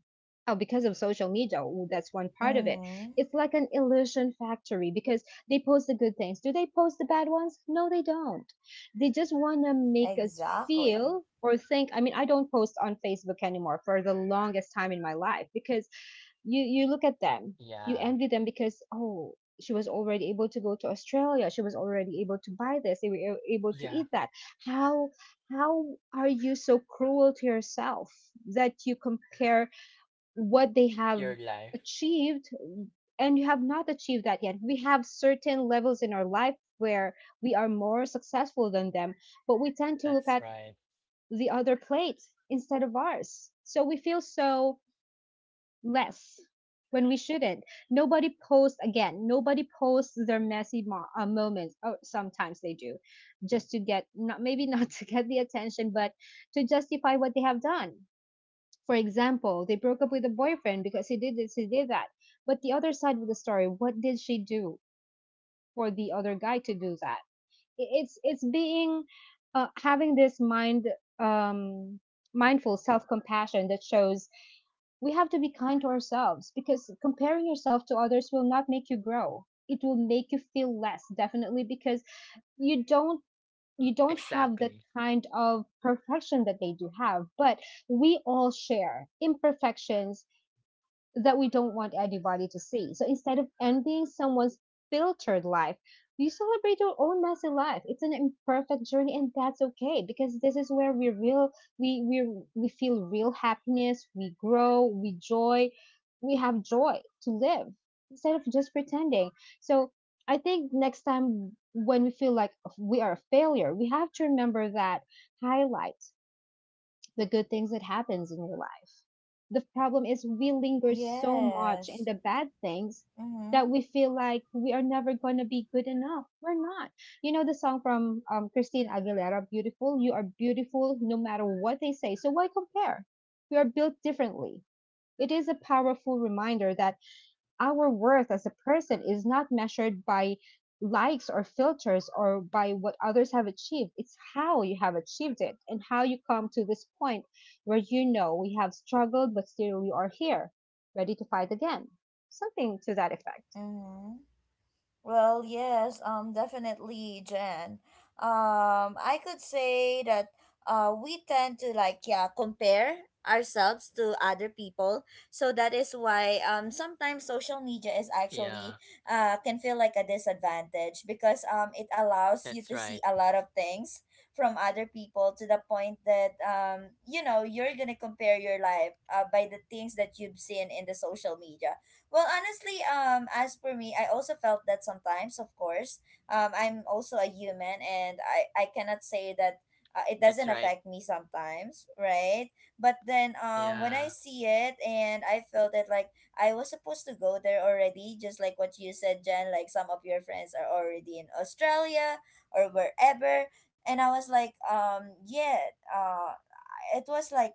S2: oh, because of social media. Ooh, that's one part of it.
S1: Mm-hmm.
S2: It's like an illusion factory because they post the good things. Do they post the bad ones? No, they don't. They just want to make us
S1: Exactly.
S2: feel or think. I mean, I don't post on Facebook anymore for the longest time in my life because you look at them, you envy
S3: Yeah.
S2: them because oh, she was already able to go to Australia, she was already able to buy this, they were able to eat
S3: Yeah.
S2: that. how how are you so cruel to yourself that you compare what they have
S3: Your life.
S2: achieved and you have not achieved that? Yet we have certain levels in our life where we are more successful than them, but we tend to look at
S3: That's right.
S2: the other plate instead of ours, so we feel so less when we shouldn't. Nobody posts again. Nobody posts their messy moments. Oh, sometimes they do, just to get not maybe not <laughs> to get the attention, but to justify what they have done. For example, they broke up with a boyfriend because he did this, he did that. But the other side of the story, what did she do for the other guy to do that? It's being having this mind um mindful self compassion that shows we have to be kind to ourselves, because comparing yourself to others will not make you grow, it will make you feel less, definitely, because you don't you don't have that
S3: Exactly.
S2: kind of perfection that they do have. But we all share imperfections that we don't want anybody to see. So instead of envying someone's filtered life, we celebrate our own messy life. It's an imperfect journey, and that's okay because this is where we feel real happiness. We grow, we joy, we have joy to live instead of just pretending. So I think next time when we feel like we are a failure, we have to remember that highlights the good things that happens in your life. The problem is we linger so much in
S1: Yes.
S2: the bad things that
S1: Mm-hmm.
S2: we feel like we are never going to be good enough. We're not. You know the song from Christine Aguilera, Beautiful? You are beautiful no matter what they say. So why compare? We are built differently. It is a powerful reminder that our worth as a person is not measured by likes or filters or by what others have achieved. It's how you have achieved it and how you come to this point where you know we have struggled, but still we are here, ready to fight again. Something to that effect.
S1: Mm-hmm. Well, yes, definitely, Jen. I could say that we tend to, like, yeah, compare ourselves to other people. So that is why sometimes social media is actually
S3: Yeah.
S1: can feel like a disadvantage, because it allows you
S3: That's
S1: to see
S3: right.
S1: a lot of things from other people, to the point that you know you're gonna compare your life by the things that you've seen in the social media. Well, honestly, as for me, I also felt that sometimes, of course. I'm also a human, and I cannot say that it
S3: That's
S1: doesn't
S3: right.
S1: affect me sometimes, right? But then when I
S3: Yeah.
S1: see it and I felt it, like I was supposed to go there already, just like what you said, Jen, like some of your friends are already in Australia or wherever. And I was like, yeah, it was like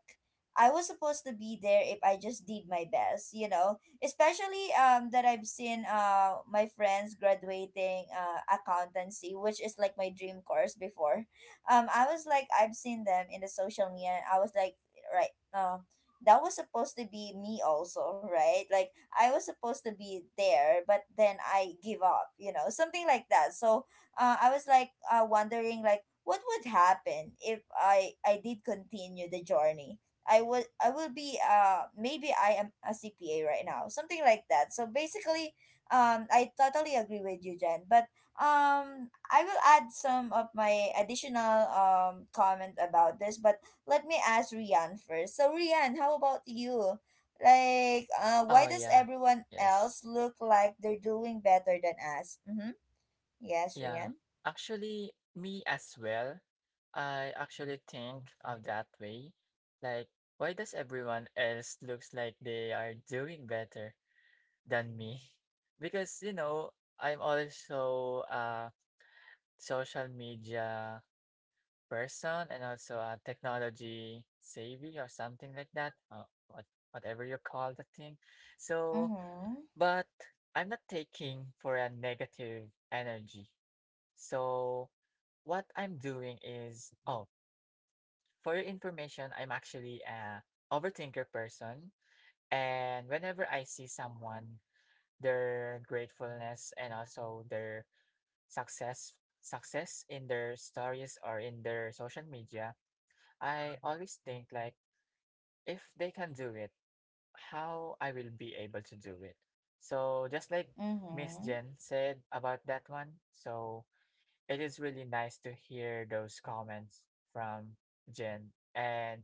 S1: I was supposed to be there if I just did my best, you know? Especially that I've seen my friends graduating accountancy, which is like my dream course before. I was like, I've seen them in the social media. And I was like, right, that was supposed to be me also, right? Like, I was supposed to be there, but then I give up, you know, something like that. So I was like wondering like what would happen if I did continue the journey. I will be maybe I am a CPA right now, something like that. So basically, I totally agree with you, Jen, but I will add some of my additional comment about this. But let me ask Rian first. So Rian, how about you, like why
S3: Oh
S1: does
S3: yeah.
S1: everyone else
S3: Yes.
S1: look like they're doing better than us? Mm-hmm. Yes,
S3: Yeah.
S1: Rian.
S3: Actually, me as well. I actually think of that way. Like, why does everyone else looks like they are doing better than me? <laughs> Because, you know, I'm also a social media person and also a technology savvy or something like that. What whatever you call the thing. So,
S1: Mm-hmm.
S3: but I'm not taking for a negative energy. So what I'm doing is, oh, for your information, I'm actually a overthinker person. And whenever I see someone, their gratefulness and also their success success in their stories or in their social media, I always think like if they can do it, how I will be able to do it. So just like Miss
S1: Mm-hmm.
S3: Jen said about that one, so it is really nice to hear those comments from Jen. And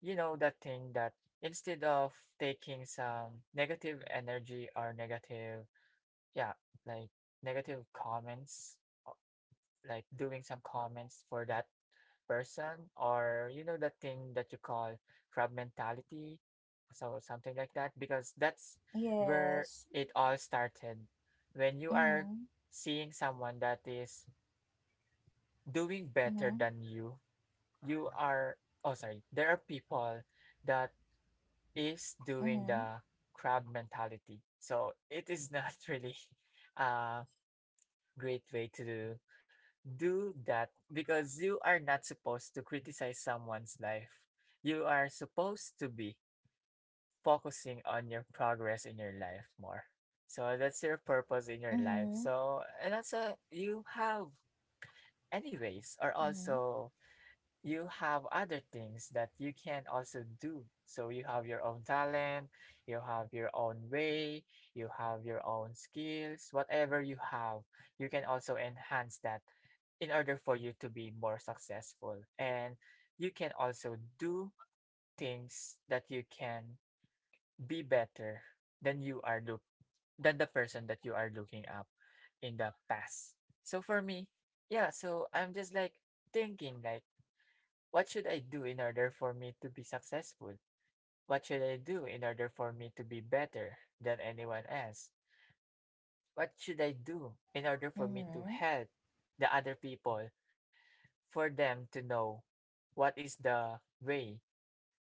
S3: you know, that thing that instead of taking some negative energy or negative, yeah, like negative comments, o- like doing some comments for that person, or you know, that thing that you call crab mentality, so something like that, because that's where
S1: Yes.
S3: it all started. When you are
S1: Mm-hmm.
S3: seeing someone that is doing better
S1: Mm-hmm.
S3: than you are oh sorry there are people that is doing the crab mentality, so it is not <laughs> really a great way to do that because you are not supposed to criticize someone's life, you are supposed to be focusing on your progress in your life more. So that's your purpose in your life,
S1: Mm-hmm.
S3: so and that's a you have anyways or
S1: Mm-hmm.
S3: also you have other things that you can also do. So you have your own talent, you have your own way, you have your own skills, whatever you have, you can also enhance that in order for you to be more successful. And you can also do things that you can be better than you are look than the person that you are looking up in the past. So for me, yeah, so I'm just like thinking like what should I do in order for me to be successful? What should I do in order for me to be better than anyone else? What should I do in order for
S1: Mm-hmm.
S3: me to
S1: Mm-hmm.
S3: help the other people for them to know what is the way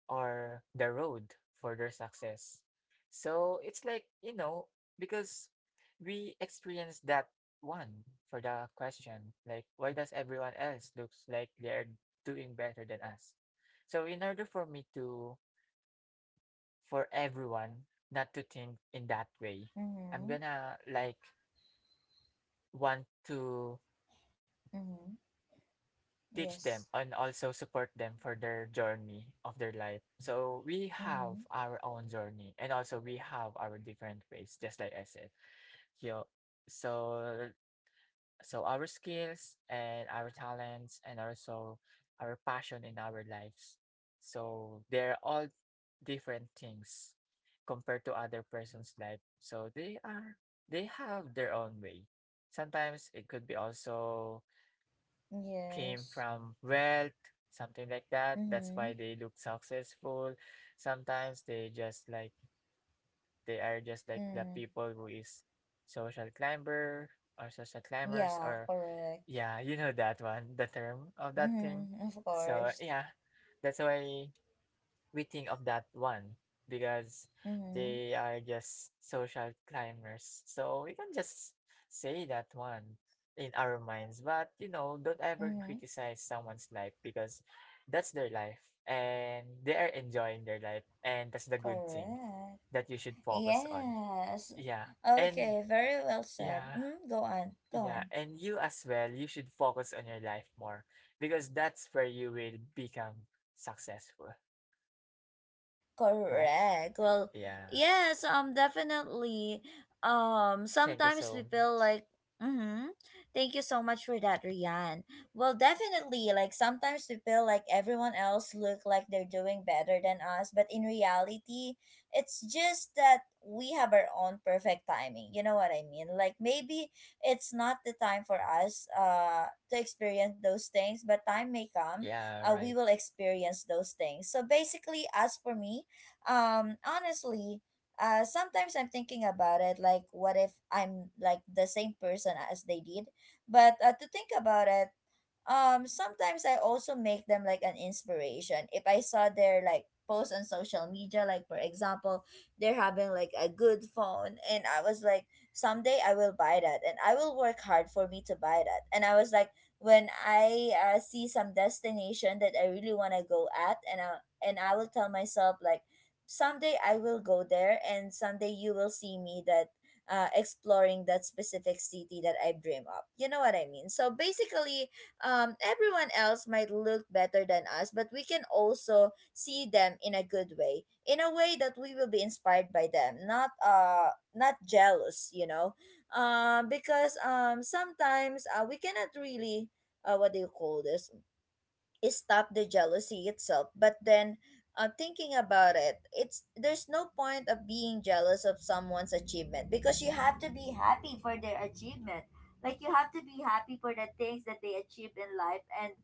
S3: are the road for their success. So it's like, you know, because we experienced that one for the question, like why does everyone else looks like they're doing better than us? So in order for me to for everyone not to think in that way, I'm
S1: Mm-hmm.
S3: gonna like want to
S1: Mm-hmm.
S3: teach
S1: Yes.
S3: them and also support them for their journey of their life. So we
S1: Mm-hmm.
S3: have our own journey and also we have our different ways, just like I said. Yo, so so our skills and our talents and also our passion in our lives. So they're all different things compared to other person's life. So they have their own way. Sometimes it could be also came
S1: Yes.
S3: from wealth, something like that. That's
S1: Mm-hmm.
S3: why they look successful. Sometimes they just like they are just like the
S1: Mm.
S3: people who is social climber or social climbers
S1: Yeah,
S3: or
S1: correct.
S3: yeah, you know that one, the term of that thing.
S1: Mm-hmm. Of
S3: So
S1: course.
S3: yeah, that's why we think of that one because
S1: Mm-hmm.
S3: they are just social climbers. So we can just say that one in our minds. But you know, don't ever
S1: Mm-hmm.
S3: criticize someone's life because that's their life and they are enjoying their life and that's the good thing
S1: Correct.
S3: that you should focus on.
S1: Yes.
S3: Yeah. And
S1: Okay, very well said.
S3: yeah.
S1: Go on, go
S3: Yeah,
S1: on.
S3: and you as well, you should focus on your life more because that's where you will become successful, right?
S1: Correct. Well,
S3: <laughs> Yeah.
S1: yes, definitely.
S3: Thank you
S1: Sometimes we
S3: so
S1: feel
S3: much.
S1: like, mm-hmm. Thank you so much for that, Rian. Well, definitely, like sometimes we feel like everyone else look like they're doing better than us, but in reality, it's just that we have our own perfect timing. You know what I mean? Like maybe it's not the time for us to experience those things, but time may come
S3: Yeah,
S1: we
S3: right.
S1: will experience those things. So basically, as for me, honestly, sometimes I'm thinking about it like what if I'm like the same person as they did. But to think about it, sometimes I also make them like an inspiration. If I saw their like post on social media, like for example, they're having like a good phone, and I was like, someday I will buy that and I will work hard for me to buy that. And I was like when I see some destination that I really want to go at, and I will tell myself like someday I will go there, and someday you will see me that exploring that specific city that I dream of. You know what I mean? So basically, everyone else might look better than us, but we can also see them in a good way, in a way that we will be inspired by them, not not jealous, you know, because sometimes we cannot really what do you call this? Stop the jealousy itself. But then thinking about it, it's there's no point of being jealous of someone's achievement, because you have to be happy for their achievement. Like you have to be happy for the things that they achieved in life, and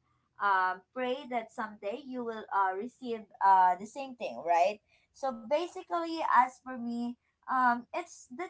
S1: pray that someday you will receive the same thing, right? So basically, as for me, it's the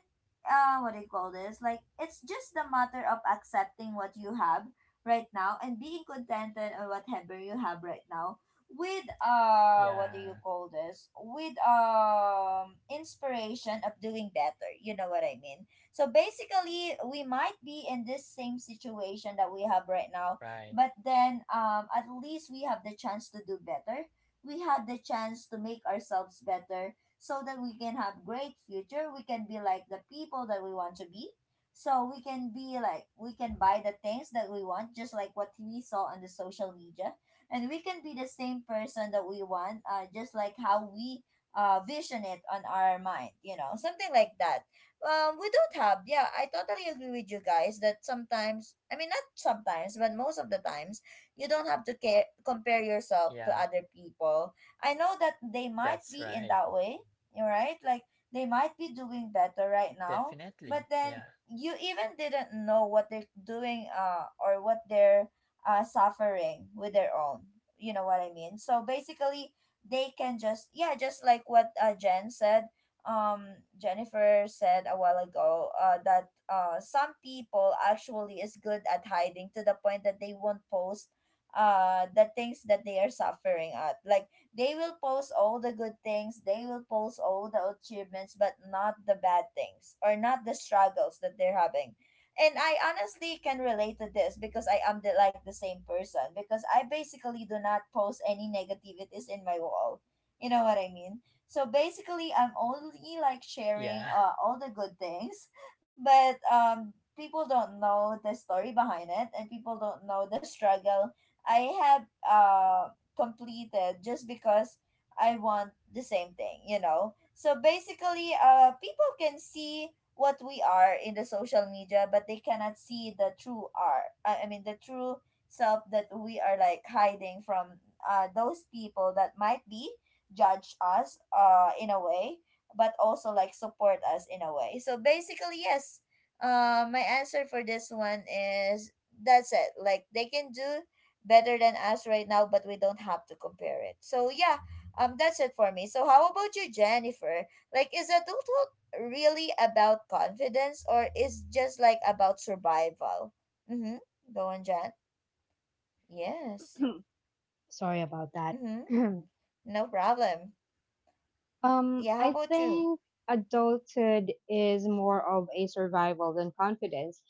S1: what do you call this, like it's just the matter of accepting what you have right now and being contented on whatever you have right now, with what do you
S3: Yeah,
S1: call this, with inspiration of doing better. You know what I mean? So basically, we might be in this same situation that we have right now,
S3: right.
S1: but then at least we have the chance to do better. We have the chance to make ourselves better so that we can have great future, we can be like the people that we want to be, so we can be like we can buy the things that we want, just like what we saw on the social media. And we can be the same person that we want, just like how we vision it on our mind. You know, something like that. We don't have, yeah, I totally agree with you guys that sometimes, I mean not sometimes but most of the times, you don't have to care compare yourself to
S3: Yeah,
S1: other people. I know that they might
S3: that's
S1: be in
S3: right.
S1: that way, all right, like they might be doing better right now, but
S3: Definitely.
S1: then
S3: Yeah,
S1: you even didn't know what they're doing, or what they're suffering with their own. You know what I mean? So basically, they can just, yeah, just like what Jen said, um Jennifer said a while ago, that some people actually is good at hiding to the point that they won't post the things that they are suffering at, like they will post all the good things, they will post all the achievements, but not the bad things or not the struggles that they're having. And I honestly can relate to this because I am the, like the same person, because I basically do not post any negativities in my wall. You know what I mean? So basically, I'm only like sharing
S3: yeah,
S1: all the good things, <laughs> but people don't know the story behind it, and people don't know the struggle I have completed just because I want the same thing, you know? So basically, people can see what we are in the social media, but they cannot see the true art. I mean, the true self that we are like hiding from those people that might be judge us in a way, but also like support us in a way. So basically, yes, my answer for this one is that's it. Like, they can do better than us right now, but we don't have to compare it. So yeah, that's it for me. So how about you, Jennifer? Like, is adulthood really about confidence, or is just like about survival? Mm-hmm. Go on, Jen. Yes.
S2: <clears throat> Sorry about that.
S1: Mm-hmm.
S2: <clears throat>
S1: No problem. Yeah. How
S2: I
S1: about you?
S2: think adulthood is more of a survival than confidence.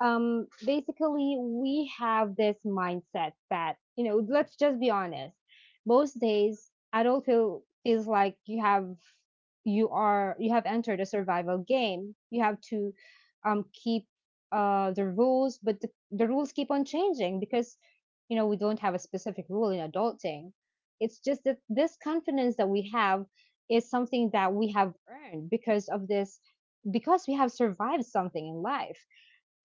S2: Basically, we have this mindset that, you know, let's just be honest, most days adulthood feels like you have entered a survival game. You have to keep the rules, but the rules keep on changing because, you know, we don't have a specific rule in adulting. It's just that this confidence that we have is something that we have earned because of this, because we have survived something in life.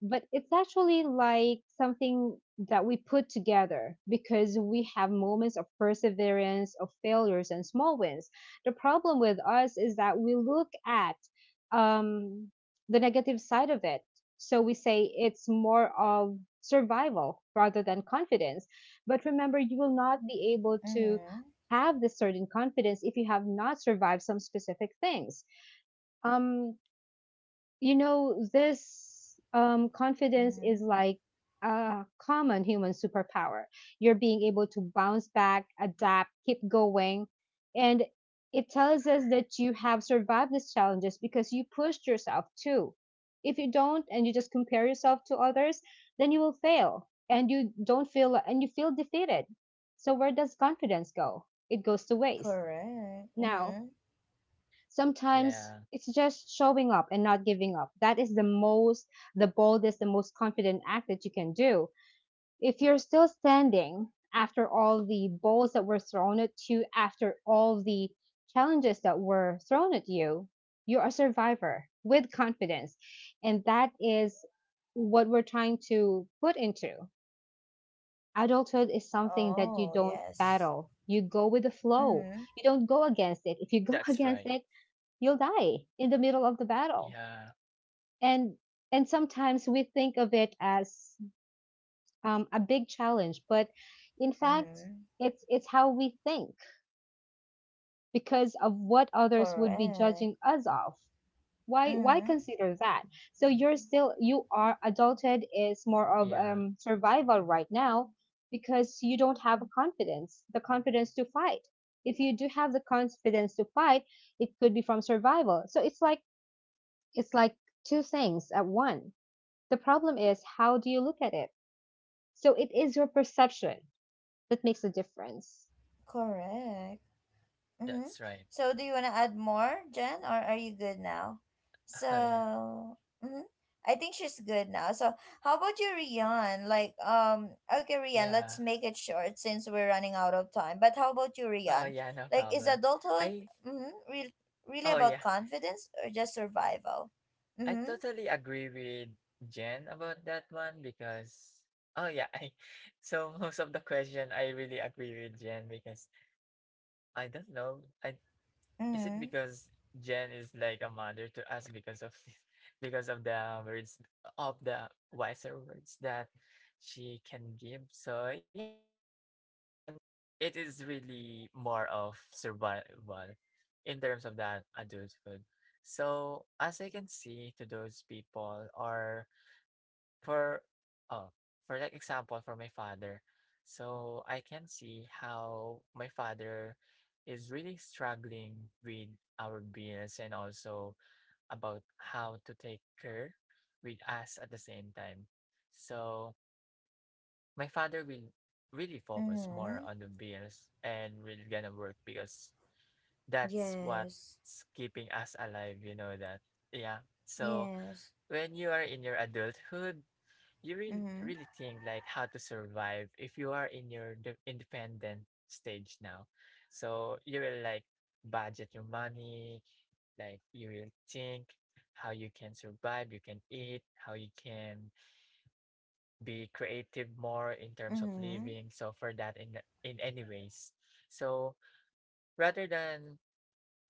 S2: But it's actually like something that we put together because we have moments of perseverance, of failures, and small wins. The problem with us is that we look at um, the negative side of it. So we say it's more of survival rather than confidence. But remember, you will not be able to
S1: Mm-hmm.
S2: have this certain confidence if you have not survived some specific things. Um, you know, this confidence is
S1: Mm-hmm.
S2: like a common human superpower. You're being able to bounce back, adapt, keep going. And it tells us that you have survived these challenges because you pushed yourself too. If you don't, and you just compare yourself to others, then you will fail and you don't feel and you feel defeated. So where does confidence go? It goes to waste.
S1: Correct.
S2: Now,
S1: Mm-hmm.
S3: <laughs>
S2: sometimes
S3: yeah.
S2: it's just showing up and not giving up. That is the most, the boldest, the most confident act that you can do. If you're still standing after all the balls that were thrown at you, after all the challenges that were thrown at you, you're a survivor with confidence. And that is what we're trying to put into. Adulthood is something that you
S1: Oh
S2: don't
S1: yes.
S2: battle. You go with the flow.
S1: Mm-hmm.
S2: You don't go against it. If you go <laughs>
S3: That's
S2: against
S3: right.
S2: it, you'll die in the middle of the battle.
S3: Yeah,
S2: And and sometimes we think of it as a big challenge, but in fact,
S1: Mm-hmm.
S2: it's how we think because of what others would be
S1: Correct.
S2: judging us of. Why
S1: Mm-hmm.
S2: consider that? So you're still you are adulthood is more of
S3: yeah.
S2: survival right now because you don't have confidence, the confidence to fight. If you do have the confidence to fight, it could be from survival. So it's like, it's like two things at one. The problem is how do you look at it? So it is your perception that makes the difference.
S1: Correct. Mm-hmm.
S3: That's right.
S1: So, do you want to add more, Jen, or are you good now?
S3: <laughs> Oh, yeah,
S1: So, mm-hmm. I think she's good now. So, how about you, Rian? Like, okay, Rian, let's
S3: yeah.
S1: make it short since we're running out of time. But how about you,
S3: Oh,
S1: Rian?
S3: yeah, no
S1: Like, is
S3: problem.
S1: adulthood
S3: I,
S1: mm-hmm, really
S3: oh,
S1: about
S3: yeah.
S1: confidence or just survival?
S3: I
S1: Mm-hmm.
S3: totally agree with Jen about that one because, oh, yeah. I, <laughs> so most of the question, I really agree with Jen because I don't know. I Is it
S1: Mm-hmm.
S3: because Jen is like a mother to us because of this, <laughs> because of the words of the wiser words that she can give? So yeah. So for this one, it is really more of survival in terms of that adulthood. So as I can see to those people or for oh for like example for my father, so I can see how my father is really struggling with our bills and also about how to take care with us at the same time. So my father will really focus
S1: Mm-hmm.
S3: more on the bills and will gonna work because that's
S1: Yes.
S3: what's keeping us alive, you know that. Yeah, so
S1: Yes.
S3: when you are in your adulthood you really
S1: Mm-hmm.
S3: really think like how to survive if you are in your independent stage now. So you will like budget your money, like you will think how you can survive, you can eat, how you can be creative more in terms of
S1: Mm-hmm.
S3: living so for that in the- in any ways. So rather than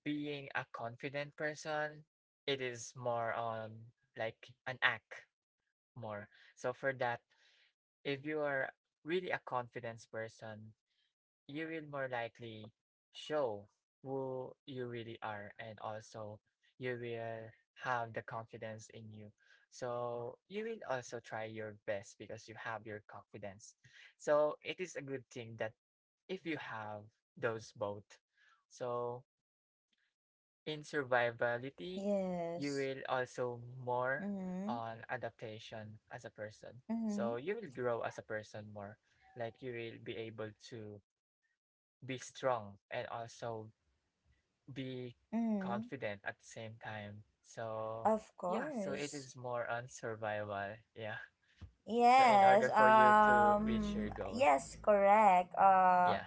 S3: being a confident person it is more on like an act more. So for that if you are really a confidence person, you will more likely show who you really are and also you will have the confidence in you. So you will also try your best because you have your confidence. So it is a good thing that if you have those both. So in survivability, you
S1: Yes.
S3: will also more
S1: Mm-hmm.
S3: on adaptation as a person.
S1: Mm-hmm.
S3: So you will grow as a person more. Like you will be able to be strong and also be
S1: Mm-hmm.
S3: confident at the same time. So
S1: Of
S3: yeah, so it
S1: course.
S3: is more on survival. Yeah. So in
S1: Yes.
S3: order for you to reach your goal.
S1: Yes. Correct.
S3: Yeah,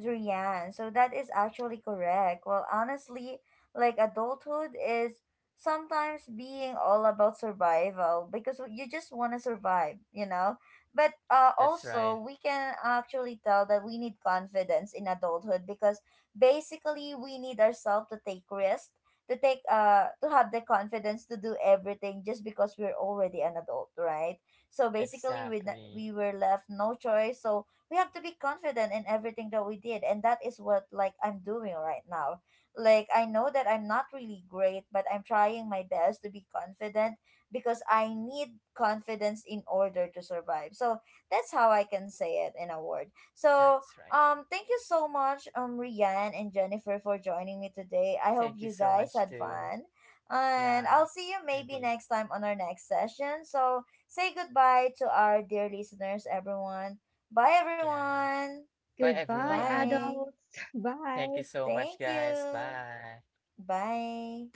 S1: Rian, so that is actually correct. Well, honestly, like adulthood is sometimes being all about survival because you just want to survive, you know? But
S3: that's
S1: also,
S3: right.
S1: we can actually tell that we need confidence in adulthood because basically we need ourselves to take risks, to take to have the confidence to do everything just because we're already an adult, right? So basically we
S3: Exactly.
S1: were left no choice. So we have to be confident in everything that we did, and that is what like I'm doing right now. Like I know that I'm not really great, but I'm trying my best to be confident because I need confidence in order to survive. So that's how I can say it in a word. So
S3: That's right.
S1: thank you so much, Rian and Jennifer, for joining me today. I hope
S3: Thank you
S1: you
S3: so
S1: guys
S3: much
S1: had
S3: to
S1: fun, and
S3: Yeah,
S1: I'll see you
S3: I
S1: maybe
S3: did.
S1: next time on our next session. So say goodbye to our dear listeners, everyone. Bye,
S3: Yeah.
S1: everyone.
S3: Bye,
S2: Goodbye,
S3: everyone.
S1: Bye.
S2: adults. <laughs>
S3: Thank
S2: Bye.
S3: you so
S1: Thank
S3: much, guys.
S1: you.
S3: Bye.
S1: Bye.